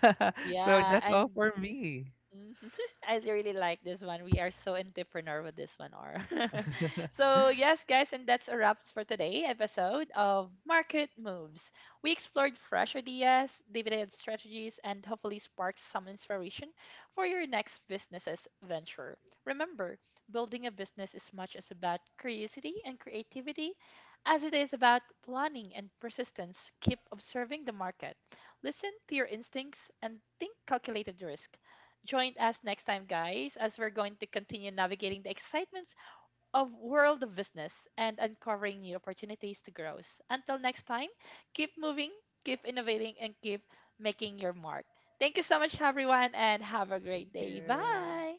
[SPEAKER 2] (laughs) So
[SPEAKER 1] Yeah,
[SPEAKER 2] that's all
[SPEAKER 1] and
[SPEAKER 2] for me.
[SPEAKER 1] Mhm. (laughs) I really like this one. We are so entrepreneur with this one, R. (laughs) So yes, guys, and that's a wraps for today episode of Market Moves. We explored fresh ideas, dividend strategies, and hopefully sparks some inspiration for your next business's venture. Remember, building a business is much as about curiosity and creativity as it is about planning and persistence. Keep observing the market. Listen to your instincts and think calculated risk. Join us next time, guys, as we're going to continue navigating the excitements of world of business and uncovering new opportunities to grow. Until next time, keep moving, keep innovating, and keep making your mark. Thank you so much, everyone, and have a great
[SPEAKER 2] Thank
[SPEAKER 1] day.
[SPEAKER 2] you.
[SPEAKER 1] Bye.